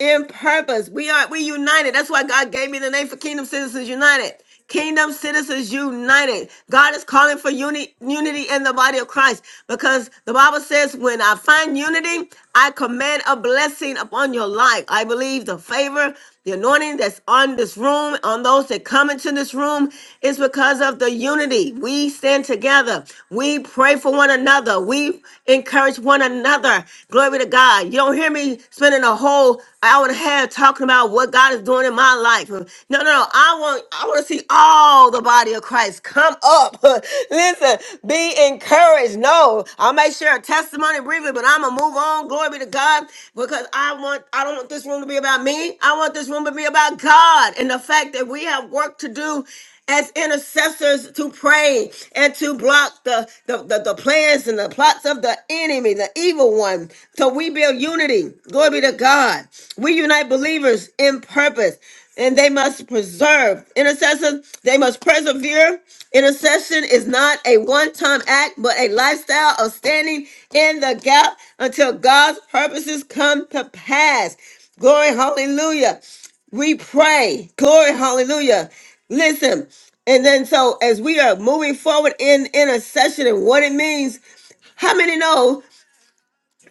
[SPEAKER 1] in purpose. We are we united. That's why God gave me the name for Kingdom Citizens United. Kingdom Citizens United. God is calling for uni- unity in the body of Christ because the Bible says, when I find unity, I command a blessing upon your life. I believe the favor, the anointing that's on this room, on those that come into this room, is because of the unity. We stand together. We pray for one another. We Encourage one another. Glory to God. You don't hear me spending a whole hour and a half talking about what God is doing in my life. No, no, no. I want I want to see all the body of Christ come up. Listen, be encouraged. No, I may share a testimony briefly, but I'm gonna move on. Glory be to God. Because I want I don't want this room to be about me. I want this room to be about God and the fact that we have work to do as intercessors to pray and to block the, the, the, the plans and the plots of the enemy, the evil one. So we build unity. Glory be to God. We unite believers in purpose. And they must preserve intercession. They must persevere. Intercession is not a one time act, but a lifestyle of standing in the gap until God's purposes come to pass. Glory, hallelujah we pray. Glory, hallelujah. Listen, and then so as we are moving forward in intercession and what it means, how many know?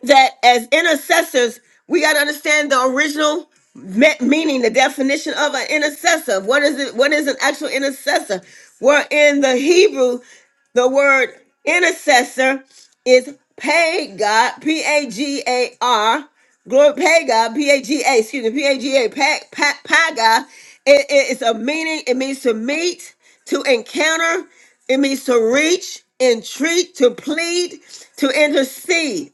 [SPEAKER 1] that as intercessors, we got to understand the original me- meaning, the definition of an intercessor. What is it? What is an actual intercessor? Where in the Hebrew, the word intercessor is pagar, P A G A R, glory pagar, P A G A, excuse me, P A G A, pa- pa- pagar. It, it is a meaning. It means to meet, to encounter. It means to reach, entreat, to plead, to intercede.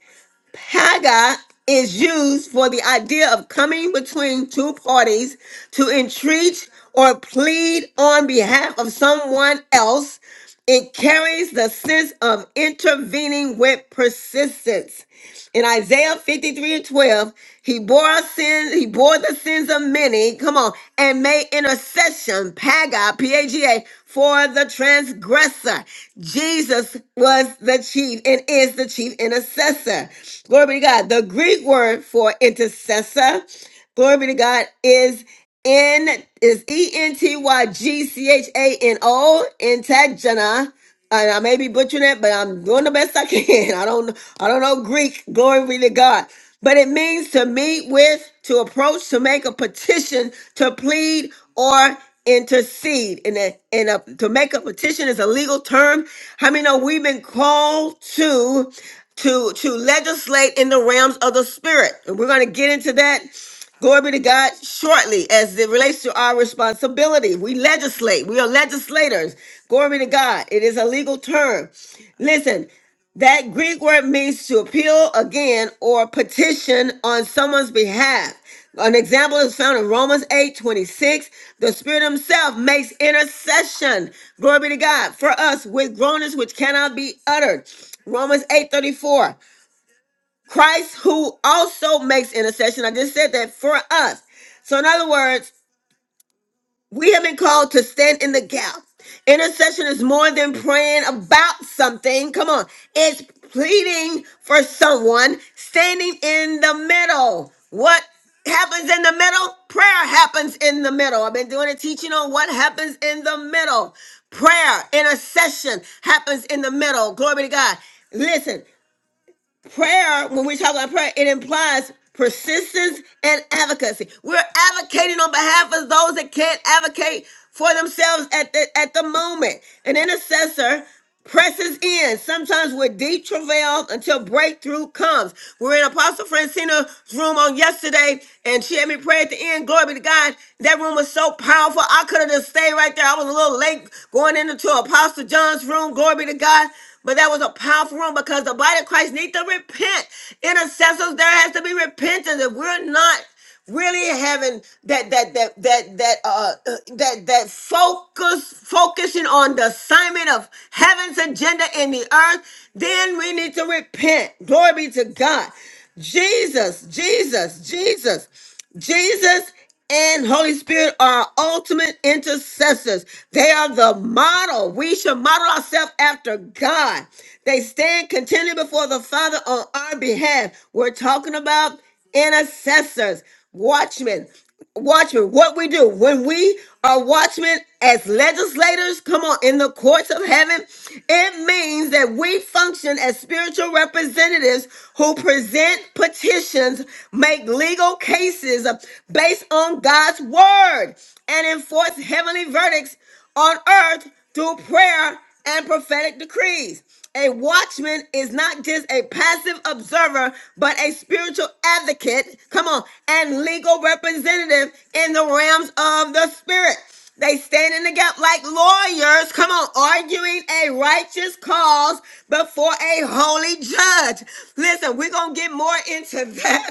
[SPEAKER 1] Haga is used for the idea of coming between two parties to entreat or plead on behalf of someone else. It carries the sense of intervening with persistence. In Isaiah 53 and 12, he bore our sins, he bore the sins of many, come on, and made intercession, Paga, P-A-G-A, for the transgressor. Jesus was the chief and is the chief intercessor. Glory be to God. The Greek word for intercessor Glory be to God is in is E N T Y G C H A N O Intagena. And I may be butchering it, but I'm doing the best I can. I don't I don't know Greek. Glory be to God. But it means to meet with, to approach, to make a petition, to plead or intercede. And a, and a, to make a petition is a legal term. How many know we've been called to to to legislate in the realms of the spirit? And we're going to get into that Glory be to God. Shortly, as it relates to our responsibility, we legislate. We are legislators. Glory be to God. It is a legal term. Listen, that Greek word means to appeal again or petition on someone's behalf. An example is found in Romans 8 26. The Spirit Himself makes intercession. Glory be to God for us with groanings which cannot be uttered. Romans 8 34. Christ who also makes intercession. I just said that for us. So, in other words, we have been called to stand in the gap. Intercession is more than praying about something. Come on. It's pleading for someone standing in the middle. What happens in the middle? Prayer happens in the middle. I've been doing a teaching on what happens in the middle. Prayer, intercession happens in the middle. Glory be to God. Listen, prayer, when we talk about prayer, it implies persistence and advocacy. We're advocating on behalf of those that can't advocate for themselves at the at the moment. An intercessor presses in, sometimes with deep travail until breakthrough comes. We We're in Apostle Francina's room on yesterday, and she had me pray at the end. Glory be to God. That room was so powerful. I could have just stayed right there. I was a little late going into Apostle John's room. Glory be to God. But that was a powerful room because the body of Christ needs to repent. Intercessors, there has to be repentance. If we're not really having that that that that that uh uh, that that focus focusing on the assignment of heaven's agenda in the earth, then we need to repent. Glory be to God. Jesus, Jesus, Jesus. Jesus and Holy Spirit are ultimate intercessors. They are the model. We should model ourselves after God. They stand continually before the Father on our behalf. We're talking about intercessors, watchmen. Watchmen, what we do when we are watchmen as legislators, come on, in the courts of heaven, it means that we function as spiritual representatives who present petitions, make legal cases based on God's word, and enforce heavenly verdicts on earth through prayer and prophetic decrees. A watchman is not just a passive observer, but a spiritual advocate, come on, and legal representative in the realms of the spirit. They stand in the gap like lawyers, come on, arguing a righteous cause before a holy judge. Listen, we're going to get more into that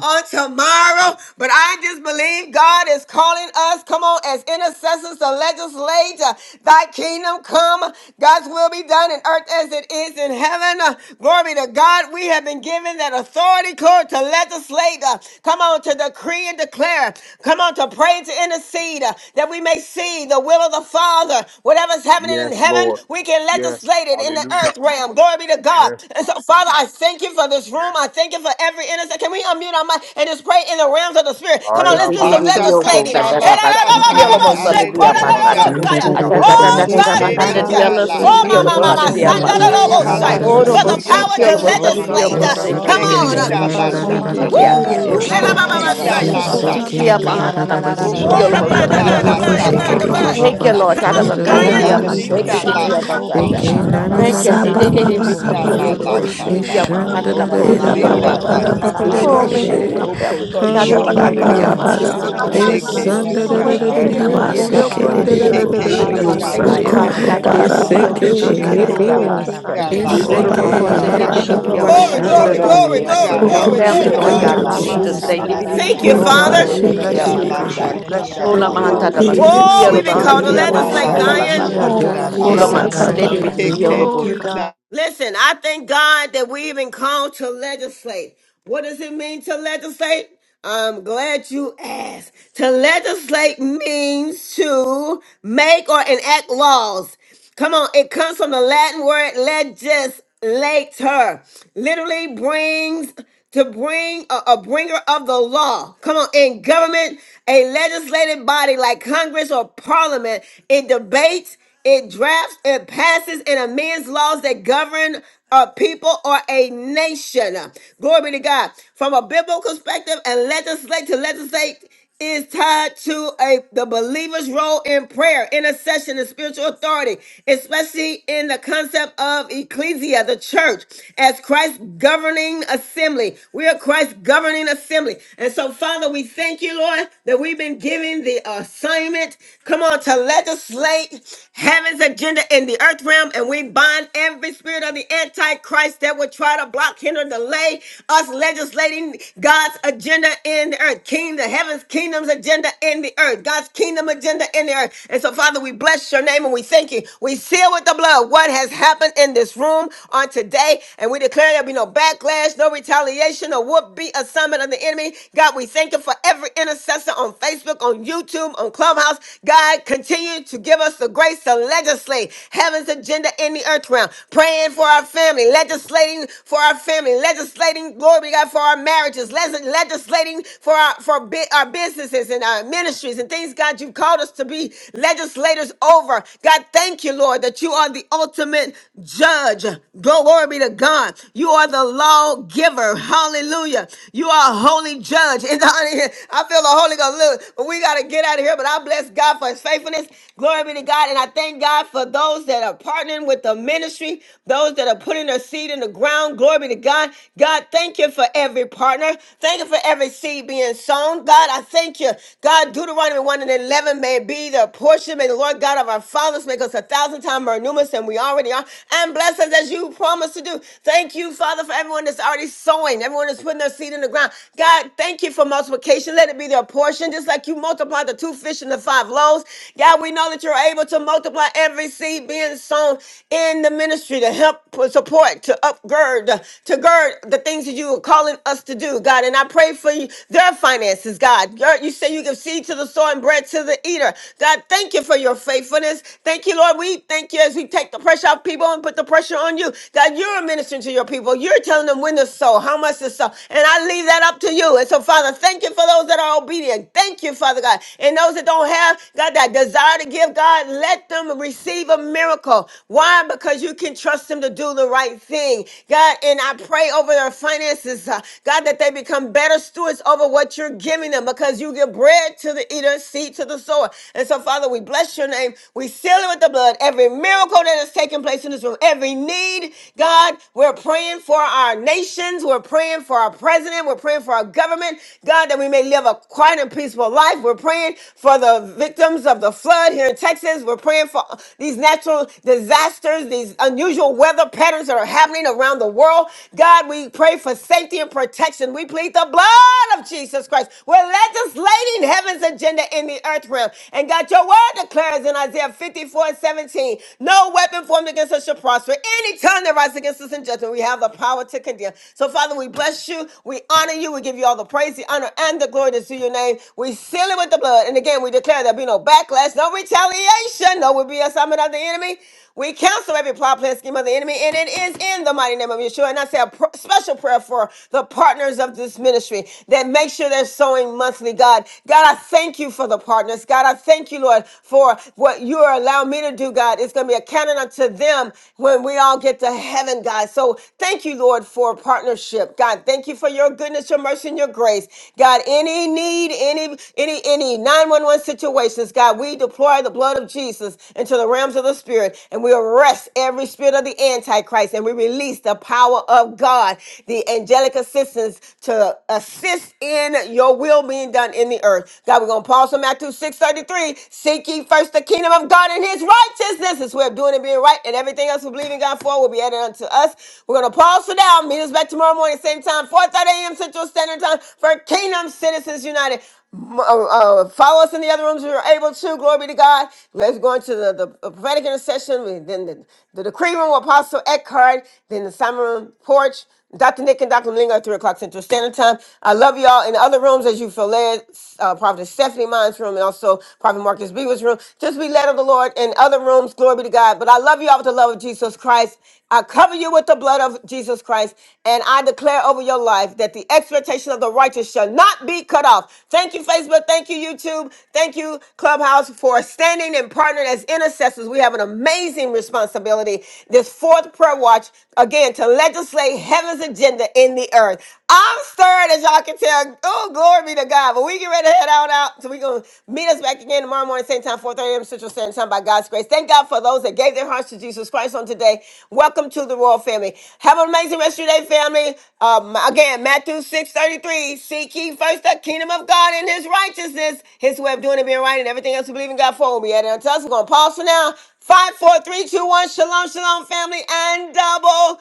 [SPEAKER 1] on tomorrow, but I just believe God is calling us, come on, as intercessors to legislate uh, thy kingdom come, God's will be done in earth as it is in heaven. Uh, Glory be to God. We have been given that authority, Lord, to legislate, uh, come on, to decree and declare declare, come on, to pray to intercede uh, that we may see the will of the Father. Whatever's happening in
[SPEAKER 13] Yes,
[SPEAKER 1] heaven,
[SPEAKER 13] Lord.
[SPEAKER 1] we can
[SPEAKER 13] Yes.
[SPEAKER 1] legislate it in the
[SPEAKER 13] Hallelujah.
[SPEAKER 1] earth realm. Glory be to God.
[SPEAKER 13] Yes.
[SPEAKER 1] And so, Father, I thank you for this room. I thank you for every intercessor. Can we unmute our mic and just pray in the realms of the Spirit? Come
[SPEAKER 13] Ay,
[SPEAKER 1] on, let's do
[SPEAKER 13] abba, da,
[SPEAKER 1] some
[SPEAKER 13] sa, ta, ee,
[SPEAKER 1] legislating.
[SPEAKER 5] Ashakanda
[SPEAKER 13] abba.
[SPEAKER 5] lasata,
[SPEAKER 13] Bless
[SPEAKER 5] sata.
[SPEAKER 13] your
[SPEAKER 7] Yanda
[SPEAKER 14] Hallelujah,
[SPEAKER 13] name, Jesus.
[SPEAKER 7] Sorianda
[SPEAKER 14] Kobo
[SPEAKER 5] Hallelujah.
[SPEAKER 14] Shanda.
[SPEAKER 7] Ramasata
[SPEAKER 12] Arabukuru,
[SPEAKER 7] Ramasete.
[SPEAKER 13] Hallelujah.
[SPEAKER 1] Oh,
[SPEAKER 12] Sande,
[SPEAKER 1] God,
[SPEAKER 14] Eka
[SPEAKER 5] Okoshike
[SPEAKER 12] Kuru,
[SPEAKER 15] Hallelujah.
[SPEAKER 1] thank
[SPEAKER 14] Baba
[SPEAKER 1] you.
[SPEAKER 14] Ba
[SPEAKER 12] Sere,
[SPEAKER 1] Oh,
[SPEAKER 7] Yanda
[SPEAKER 12] Kuru.
[SPEAKER 1] my,
[SPEAKER 5] mandalata.
[SPEAKER 14] Shete,
[SPEAKER 1] my,
[SPEAKER 14] Ke
[SPEAKER 1] my, my,
[SPEAKER 7] Sorianda
[SPEAKER 14] Kobo
[SPEAKER 1] son,
[SPEAKER 14] Shanda
[SPEAKER 5] Oh,
[SPEAKER 7] Ramasanda
[SPEAKER 14] Baba
[SPEAKER 12] Hara
[SPEAKER 1] for
[SPEAKER 14] Shanda.
[SPEAKER 1] the
[SPEAKER 5] hallelujah.
[SPEAKER 1] power
[SPEAKER 16] Isha
[SPEAKER 7] Ramasorianda
[SPEAKER 1] to
[SPEAKER 5] Thank you,
[SPEAKER 14] Roka
[SPEAKER 7] Ramashata.
[SPEAKER 1] legislate.
[SPEAKER 5] Jesus.
[SPEAKER 1] Uh, Come
[SPEAKER 14] Taroraba
[SPEAKER 1] on. uh,
[SPEAKER 14] Shata
[SPEAKER 5] Oshekinda
[SPEAKER 14] Ba
[SPEAKER 5] lasata,
[SPEAKER 7] Ramama
[SPEAKER 5] sata.
[SPEAKER 14] Shete.
[SPEAKER 7] Sorianda
[SPEAKER 14] Eka Baba
[SPEAKER 17] Huh?
[SPEAKER 5] Okoshinda
[SPEAKER 1] Woo!
[SPEAKER 14] Shanda
[SPEAKER 3] Siku
[SPEAKER 17] Oh.
[SPEAKER 7] Ramasata
[SPEAKER 14] Mama
[SPEAKER 5] lasataka,
[SPEAKER 3] sikia
[SPEAKER 5] sataka.
[SPEAKER 14] Seke.
[SPEAKER 3] mahana nama
[SPEAKER 7] Ramasorianda
[SPEAKER 3] siki
[SPEAKER 18] Yera
[SPEAKER 1] Oh, the
[SPEAKER 18] baba
[SPEAKER 1] blood,
[SPEAKER 14] Ikandirio
[SPEAKER 3] olobosana
[SPEAKER 1] the
[SPEAKER 5] Okoshinda
[SPEAKER 18] bara
[SPEAKER 3] dia
[SPEAKER 1] blood, the
[SPEAKER 14] Shanda
[SPEAKER 18] boko
[SPEAKER 1] blood,
[SPEAKER 14] La
[SPEAKER 1] the
[SPEAKER 3] matata.
[SPEAKER 7] Thank
[SPEAKER 14] La
[SPEAKER 1] blood,
[SPEAKER 5] lasakata
[SPEAKER 14] La
[SPEAKER 1] the
[SPEAKER 14] Ma
[SPEAKER 18] şekeri.
[SPEAKER 1] blood.
[SPEAKER 3] Thank you,
[SPEAKER 14] Seke.
[SPEAKER 5] kata.
[SPEAKER 3] Lord.
[SPEAKER 1] Come
[SPEAKER 18] Yera
[SPEAKER 1] on,
[SPEAKER 14] Oh
[SPEAKER 18] baba
[SPEAKER 5] Ola
[SPEAKER 1] Zion.
[SPEAKER 14] God,
[SPEAKER 3] Tarabakandariyama.
[SPEAKER 18] bara
[SPEAKER 14] we
[SPEAKER 18] boko
[SPEAKER 3] Thank you,
[SPEAKER 14] thank
[SPEAKER 5] shinda
[SPEAKER 14] you,
[SPEAKER 5] la
[SPEAKER 18] şekeri.
[SPEAKER 14] Ekobo
[SPEAKER 3] Diriyamazata.
[SPEAKER 14] Shanda Mama
[SPEAKER 3] Thank you.
[SPEAKER 18] Yesa
[SPEAKER 3] Hey, hey, hey,
[SPEAKER 18] baba
[SPEAKER 3] hey,
[SPEAKER 14] Seke.
[SPEAKER 18] bara
[SPEAKER 5] Okotinda
[SPEAKER 14] We
[SPEAKER 5] la
[SPEAKER 18] bara
[SPEAKER 3] Bidiyama,
[SPEAKER 5] la
[SPEAKER 18] boko
[SPEAKER 3] Glory
[SPEAKER 14] praise
[SPEAKER 18] şekeri.
[SPEAKER 3] to
[SPEAKER 14] you,
[SPEAKER 5] sata.
[SPEAKER 14] we
[SPEAKER 3] Yama,
[SPEAKER 14] honor you,
[SPEAKER 3] Ananama,
[SPEAKER 14] and
[SPEAKER 3] Thank
[SPEAKER 18] Yera
[SPEAKER 14] we
[SPEAKER 3] you,
[SPEAKER 5] Okosinda
[SPEAKER 3] Lord.
[SPEAKER 18] baba
[SPEAKER 14] adore
[SPEAKER 5] la
[SPEAKER 3] Zata.
[SPEAKER 18] bara
[SPEAKER 14] you,
[SPEAKER 18] boko
[SPEAKER 3] Oh,
[SPEAKER 14] Kababa
[SPEAKER 5] tatuka.
[SPEAKER 3] my head
[SPEAKER 18] şekeri.
[SPEAKER 3] and my
[SPEAKER 14] Shete.
[SPEAKER 3] family, Lord.
[SPEAKER 5] Okotunga
[SPEAKER 18] Yera
[SPEAKER 6] Ike
[SPEAKER 5] la
[SPEAKER 14] Roka
[SPEAKER 6] yono
[SPEAKER 18] baba
[SPEAKER 3] Tarabakandariyama.
[SPEAKER 14] Taroraba
[SPEAKER 3] Thank
[SPEAKER 5] takuka.
[SPEAKER 18] bara
[SPEAKER 3] you,
[SPEAKER 6] mushanda
[SPEAKER 14] Shanda
[SPEAKER 18] boko
[SPEAKER 6] na
[SPEAKER 3] thank
[SPEAKER 14] La
[SPEAKER 3] you,
[SPEAKER 14] La
[SPEAKER 18] şekeri.
[SPEAKER 3] thank you.
[SPEAKER 5] Heke
[SPEAKER 14] Rio
[SPEAKER 6] niyosi
[SPEAKER 3] Oh,
[SPEAKER 6] yanda na
[SPEAKER 5] tunga
[SPEAKER 3] my
[SPEAKER 14] Sanda.
[SPEAKER 6] na
[SPEAKER 5] la
[SPEAKER 3] head
[SPEAKER 6] na
[SPEAKER 3] and
[SPEAKER 18] Yera
[SPEAKER 6] na
[SPEAKER 3] the
[SPEAKER 6] na
[SPEAKER 3] head of
[SPEAKER 18] basa
[SPEAKER 3] your
[SPEAKER 5] takunda.
[SPEAKER 3] court,
[SPEAKER 18] kere de
[SPEAKER 3] eh,
[SPEAKER 18] de
[SPEAKER 6] na.
[SPEAKER 18] bu.
[SPEAKER 3] the
[SPEAKER 5] Keke
[SPEAKER 3] head of the
[SPEAKER 6] Koma
[SPEAKER 5] tunga
[SPEAKER 14] Ekababashatabaseke,
[SPEAKER 5] la
[SPEAKER 3] nation,
[SPEAKER 15] Esandadadadadadiokoshandadadadadadiosaya.
[SPEAKER 6] ne
[SPEAKER 3] Father.
[SPEAKER 6] ne ne
[SPEAKER 18] Okoro
[SPEAKER 5] takunga
[SPEAKER 18] bara
[SPEAKER 6] busa
[SPEAKER 14] Ikandirio
[SPEAKER 3] Tarabakandariyama,
[SPEAKER 5] lata.
[SPEAKER 18] bara
[SPEAKER 15] Eseke,
[SPEAKER 3] Beautiful,
[SPEAKER 18] bekere.
[SPEAKER 15] eke,
[SPEAKER 6] niyosi
[SPEAKER 5] Koko
[SPEAKER 6] yanda
[SPEAKER 3] Shikadiyamazata.
[SPEAKER 6] na
[SPEAKER 5] tunga
[SPEAKER 14] Shandarabasande,
[SPEAKER 6] na
[SPEAKER 5] la
[SPEAKER 6] na na
[SPEAKER 3] Oh,
[SPEAKER 18] Bara
[SPEAKER 6] na
[SPEAKER 3] the
[SPEAKER 18] baba
[SPEAKER 15] eseke,
[SPEAKER 6] na
[SPEAKER 16] yeah,
[SPEAKER 3] Lord,
[SPEAKER 6] na.
[SPEAKER 5] takunga
[SPEAKER 18] baba bara
[SPEAKER 5] lata.
[SPEAKER 18] boko
[SPEAKER 1] Glory,
[SPEAKER 18] şekeri.
[SPEAKER 1] glory,
[SPEAKER 3] Shikadiyamazata.
[SPEAKER 14] Akatarabashanda.
[SPEAKER 5] Koko
[SPEAKER 1] glory,
[SPEAKER 3] My
[SPEAKER 1] glory,
[SPEAKER 5] tunga
[SPEAKER 3] kingdom
[SPEAKER 5] la
[SPEAKER 15] ebabababashandadadadiosaya.
[SPEAKER 18] Boko
[SPEAKER 1] glory,
[SPEAKER 14] Glory
[SPEAKER 3] family,
[SPEAKER 14] to
[SPEAKER 1] glory,
[SPEAKER 3] Lord
[SPEAKER 14] God,
[SPEAKER 5] takanda
[SPEAKER 15] Thank
[SPEAKER 18] şekeri
[SPEAKER 3] God,
[SPEAKER 1] glory.
[SPEAKER 15] you,
[SPEAKER 6] to
[SPEAKER 18] de
[SPEAKER 5] la
[SPEAKER 3] in
[SPEAKER 18] bu.
[SPEAKER 3] Jesus'
[SPEAKER 15] Jesus.
[SPEAKER 6] namasa
[SPEAKER 3] name.
[SPEAKER 5] takamba.
[SPEAKER 14] Aramaseke.
[SPEAKER 1] Thank
[SPEAKER 6] ne
[SPEAKER 1] you,
[SPEAKER 6] ne
[SPEAKER 14] Oh
[SPEAKER 3] Didibidiyama,
[SPEAKER 18] Oru
[SPEAKER 14] God,
[SPEAKER 1] Father.
[SPEAKER 5] Koko
[SPEAKER 3] Beautiful,
[SPEAKER 14] we
[SPEAKER 18] basa
[SPEAKER 15] Glory
[SPEAKER 6] ne.
[SPEAKER 15] to
[SPEAKER 14] bless
[SPEAKER 5] tunga
[SPEAKER 18] kere
[SPEAKER 14] you,
[SPEAKER 15] your
[SPEAKER 18] de
[SPEAKER 5] la
[SPEAKER 14] God.
[SPEAKER 15] God.
[SPEAKER 3] Shikadiyamazata.
[SPEAKER 18] biri.
[SPEAKER 14] We
[SPEAKER 6] Ora
[SPEAKER 14] bless your
[SPEAKER 5] takunda
[SPEAKER 3] Hola
[SPEAKER 14] name,
[SPEAKER 7] you,
[SPEAKER 5] lata.
[SPEAKER 7] Lord
[SPEAKER 3] Mahatada
[SPEAKER 15] Glory
[SPEAKER 6] aya
[SPEAKER 14] Father.
[SPEAKER 15] to your
[SPEAKER 7] Jesus.
[SPEAKER 1] Oh,
[SPEAKER 3] Masindia
[SPEAKER 14] We
[SPEAKER 18] Yesa
[SPEAKER 1] we've
[SPEAKER 15] God.
[SPEAKER 1] been
[SPEAKER 5] Koko
[SPEAKER 14] honor
[SPEAKER 1] called
[SPEAKER 18] kere
[SPEAKER 1] to
[SPEAKER 18] de
[SPEAKER 3] Lobacandia
[SPEAKER 14] you,
[SPEAKER 6] ona
[SPEAKER 18] boko
[SPEAKER 5] tuna
[SPEAKER 14] oh
[SPEAKER 1] legislate,
[SPEAKER 5] la
[SPEAKER 18] şekeri.
[SPEAKER 6] masa
[SPEAKER 3] Matada
[SPEAKER 14] God.
[SPEAKER 15] Glory
[SPEAKER 7] Rababasuri
[SPEAKER 15] to
[SPEAKER 7] and
[SPEAKER 5] koko
[SPEAKER 1] Zion.
[SPEAKER 14] We
[SPEAKER 3] Batata.
[SPEAKER 15] your
[SPEAKER 14] adore
[SPEAKER 5] tunda
[SPEAKER 15] God.
[SPEAKER 14] you,
[SPEAKER 7] Namaste,
[SPEAKER 3] Hola
[SPEAKER 6] yede.
[SPEAKER 5] lata.
[SPEAKER 18] Yesa
[SPEAKER 14] God. Uh,
[SPEAKER 18] baba
[SPEAKER 15] Glory.
[SPEAKER 3] Macandedi
[SPEAKER 18] baba.
[SPEAKER 7] Ramoshanda
[SPEAKER 14] we
[SPEAKER 3] Bidio
[SPEAKER 5] Keke
[SPEAKER 14] thank
[SPEAKER 3] Lobo.
[SPEAKER 14] you,
[SPEAKER 15] Glory. gl-
[SPEAKER 14] God.
[SPEAKER 5] tuna.
[SPEAKER 1] Listen, I thank God that we've been called to legislate. What does it mean to legislate? I'm glad you asked. To legislate means to make or enact laws. Come on, it comes from the Latin word legislator. Literally brings to bring a, a bringer of the law. Come on, in government, a legislative body like Congress or Parliament, it debates it drafts, it passes, and amends laws that govern a people or a nation. Glory be to God. From a biblical perspective, and legislate to legislate is tied to a the believer's role in prayer, intercession, and spiritual authority, especially in the concept of ecclesia, the church, as Christ's governing assembly. We are Christ's governing assembly. And so, Father, we thank you, Lord, that we've been given the assignment. Come on, to legislate heaven's agenda in the earth realm, and we bind every spirit of the Antichrist that would try to block, hinder, delay us legislating God's agenda in the earth. King, the heaven's kingdom's agenda in the earth. God's kingdom agenda in the earth. And so, Father, we bless your name and we thank you. We seal with the blood what has happened in this room on today, and we declare there'll be no backlash, no retaliation, or would be a summit of the enemy. God, we thank you for every intercessor on Facebook. Facebook, on YouTube, on Clubhouse. God, continue to give us the grace to legislate heaven's agenda in the earth realm, praying for our family, legislating for our family, legislating, glory be to God, for our marriages, les- legislating for our for bi- our businesses and our ministries and things, God, you've called us to be legislators over. God, thank you, Lord, that you are the ultimate judge. Glory be to God. You are the lawgiver. Hallelujah. You are a holy judge in the out of here. I feel the Holy Ghost. Look, but we got to get out of here. But I bless God for his faithfulness. Glory be to God. And I thank God for those that are partnering with the ministry, those that are putting their seed in the ground. Glory be to God. God, thank you for every partner. Thank you for every seed being sown. God, I thank you. God, Deuteronomy 1 and 11 may be the portion. May the Lord God of our fathers make us a thousand times more numerous than we already are. And bless us as you promised to do. Thank you, Father, for everyone that's already sowing, everyone that's putting their seed in the ground. God, thank you for multiplication. Let it be their portion, just like you multiplied the two fish and the five loaves. God, we know that you're able to multiply every seed being sown in the ministry to help support, to upgird, to gird the things that you are calling us to do, God. And I pray for you, their finances, God. Your- You say you give seed to the sower and bread to the eater. God, thank you for your faithfulness. Thank you, Lord. We thank you as we take the pressure off people and put the pressure on you. God, you're ministering to your people. You're telling telling them when to sow, how much to sow. And I leave that up to you. And so, Father, thank you for those that are obedient. Thank you, Father God. And those that don't have, God, that desire to give, God, let them receive a miracle. Why? Because you can trust them to do the right thing. God, and I pray over their finances, uh, God, that they become better stewards over what you're giving them because you give bread to the eater, seed to the sower. And so, Father, we bless your name. We seal it with the blood. Every miracle that is taking place in this room, every need, God, we're praying for our nations. We're praying for our president. We're praying for our government. God, that we may live a quiet and peaceful life. We're praying for the victims of the flood here in Texas. We're praying for these natural disasters, these unusual weather patterns that are happening around the world. God, we pray for safety and protection. We plead the blood of Jesus Christ. We're legislating heaven's agenda in the earth realm. And God, your word declares in Isaiah 54 17: no weapon weapon formed against us shall prosper. Any tongue that rises against us in judgment, we have the power to condemn. So, Father, we bless you. We honor you. We give you all the praise, the honor, and the glory that's to your name. We seal it with the blood. And again, we declare there'll be no backlash, no retaliation, no will be assignment of the enemy. We cancel every plot, plan, scheme of the enemy, and it is in the mighty name of Yeshua. And I say a pr- special prayer for the partners of this ministry that make sure they're sowing monthly, God. God, I thank you for the partners. God, I thank you, Lord, for what you are allow me to do, God, It's going to be a canon unto them when we all get to heaven, God. So thank you, Lord, for partnership. God, thank you for your goodness, your mercy, and your grace. God, any need, any, any, any 911 situations, God, we deploy the blood of Jesus into the realms of the spirit and we arrest every spirit of the Antichrist and we release the power of God, the angelic assistance to assist in your will being done in the earth. God, we're going to pause on Matthew 6:33 3 Seek first the kingdom of God and his righteousness. This way of doing and being right, and everything else we believe in God for will be added unto us. We're going to pause for now. Meet us back tomorrow morning, same time, 4 30 a.m. Central Standard Time for Kingdom Citizens United. M- Uh, uh, follow us in the other rooms if you're able to. Glory be to God. Let's go into the, the prophetic intercession, then the, the decree room with Apostle Eckhart, then the summer room porch. Dr. Nick and Dr. Malingo at 3 o'clock Central Standard Time. I love y'all. In the other rooms, as you feel led, uh, Prophet Stephanie Mine's room and also Prophet Marcus Beaver's room. Just be led of the Lord in other rooms. Glory be to God. But I love y'all with the love of Jesus Christ. I cover you with the blood of Jesus Christ. And I declare over your life that the expectation of the righteous shall not be cut off. Thank you, Facebook. Thank you. Thank you, YouTube. Thank you, Clubhouse, for standing and partnering as intercessors. We have an amazing responsibility this fourth prayer watch, again, to legislate heaven's agenda in the earth. I'm stirred, as y'all can tell. Oh, glory be to God. But we get ready to head out, out. So we're going to meet us back again tomorrow morning, same time, 4 30 a.m. Central Standard Time by God's grace. Thank God for those that gave their hearts to Jesus Christ on today. Welcome to the Royal Family. Have an amazing rest of your day, family. Um, again, Matthew 6:33. Seek ye first the kingdom of God and his righteousness, his way of doing it, being right, and everything else we believe in God for will be added unto us. We're gonna pause for now. Five, four, three, two, one. Shalom, shalom, family, and double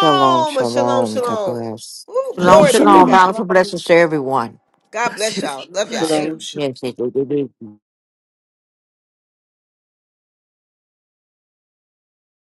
[SPEAKER 15] Shalom,
[SPEAKER 1] Shalom,
[SPEAKER 15] shalom. God
[SPEAKER 1] shalom.
[SPEAKER 15] bless.
[SPEAKER 1] Ooh,
[SPEAKER 3] Shalom,
[SPEAKER 18] Shalom
[SPEAKER 1] glory be to
[SPEAKER 3] shalom.
[SPEAKER 18] shalom.
[SPEAKER 1] God.
[SPEAKER 3] Bountiful blessings to everyone.
[SPEAKER 1] God
[SPEAKER 18] Bless
[SPEAKER 1] bless
[SPEAKER 18] you.
[SPEAKER 1] y'all. Love y'all.
[SPEAKER 18] Bless you.
[SPEAKER 1] Amen.
[SPEAKER 7] Namaste.
[SPEAKER 3] Yes, it is.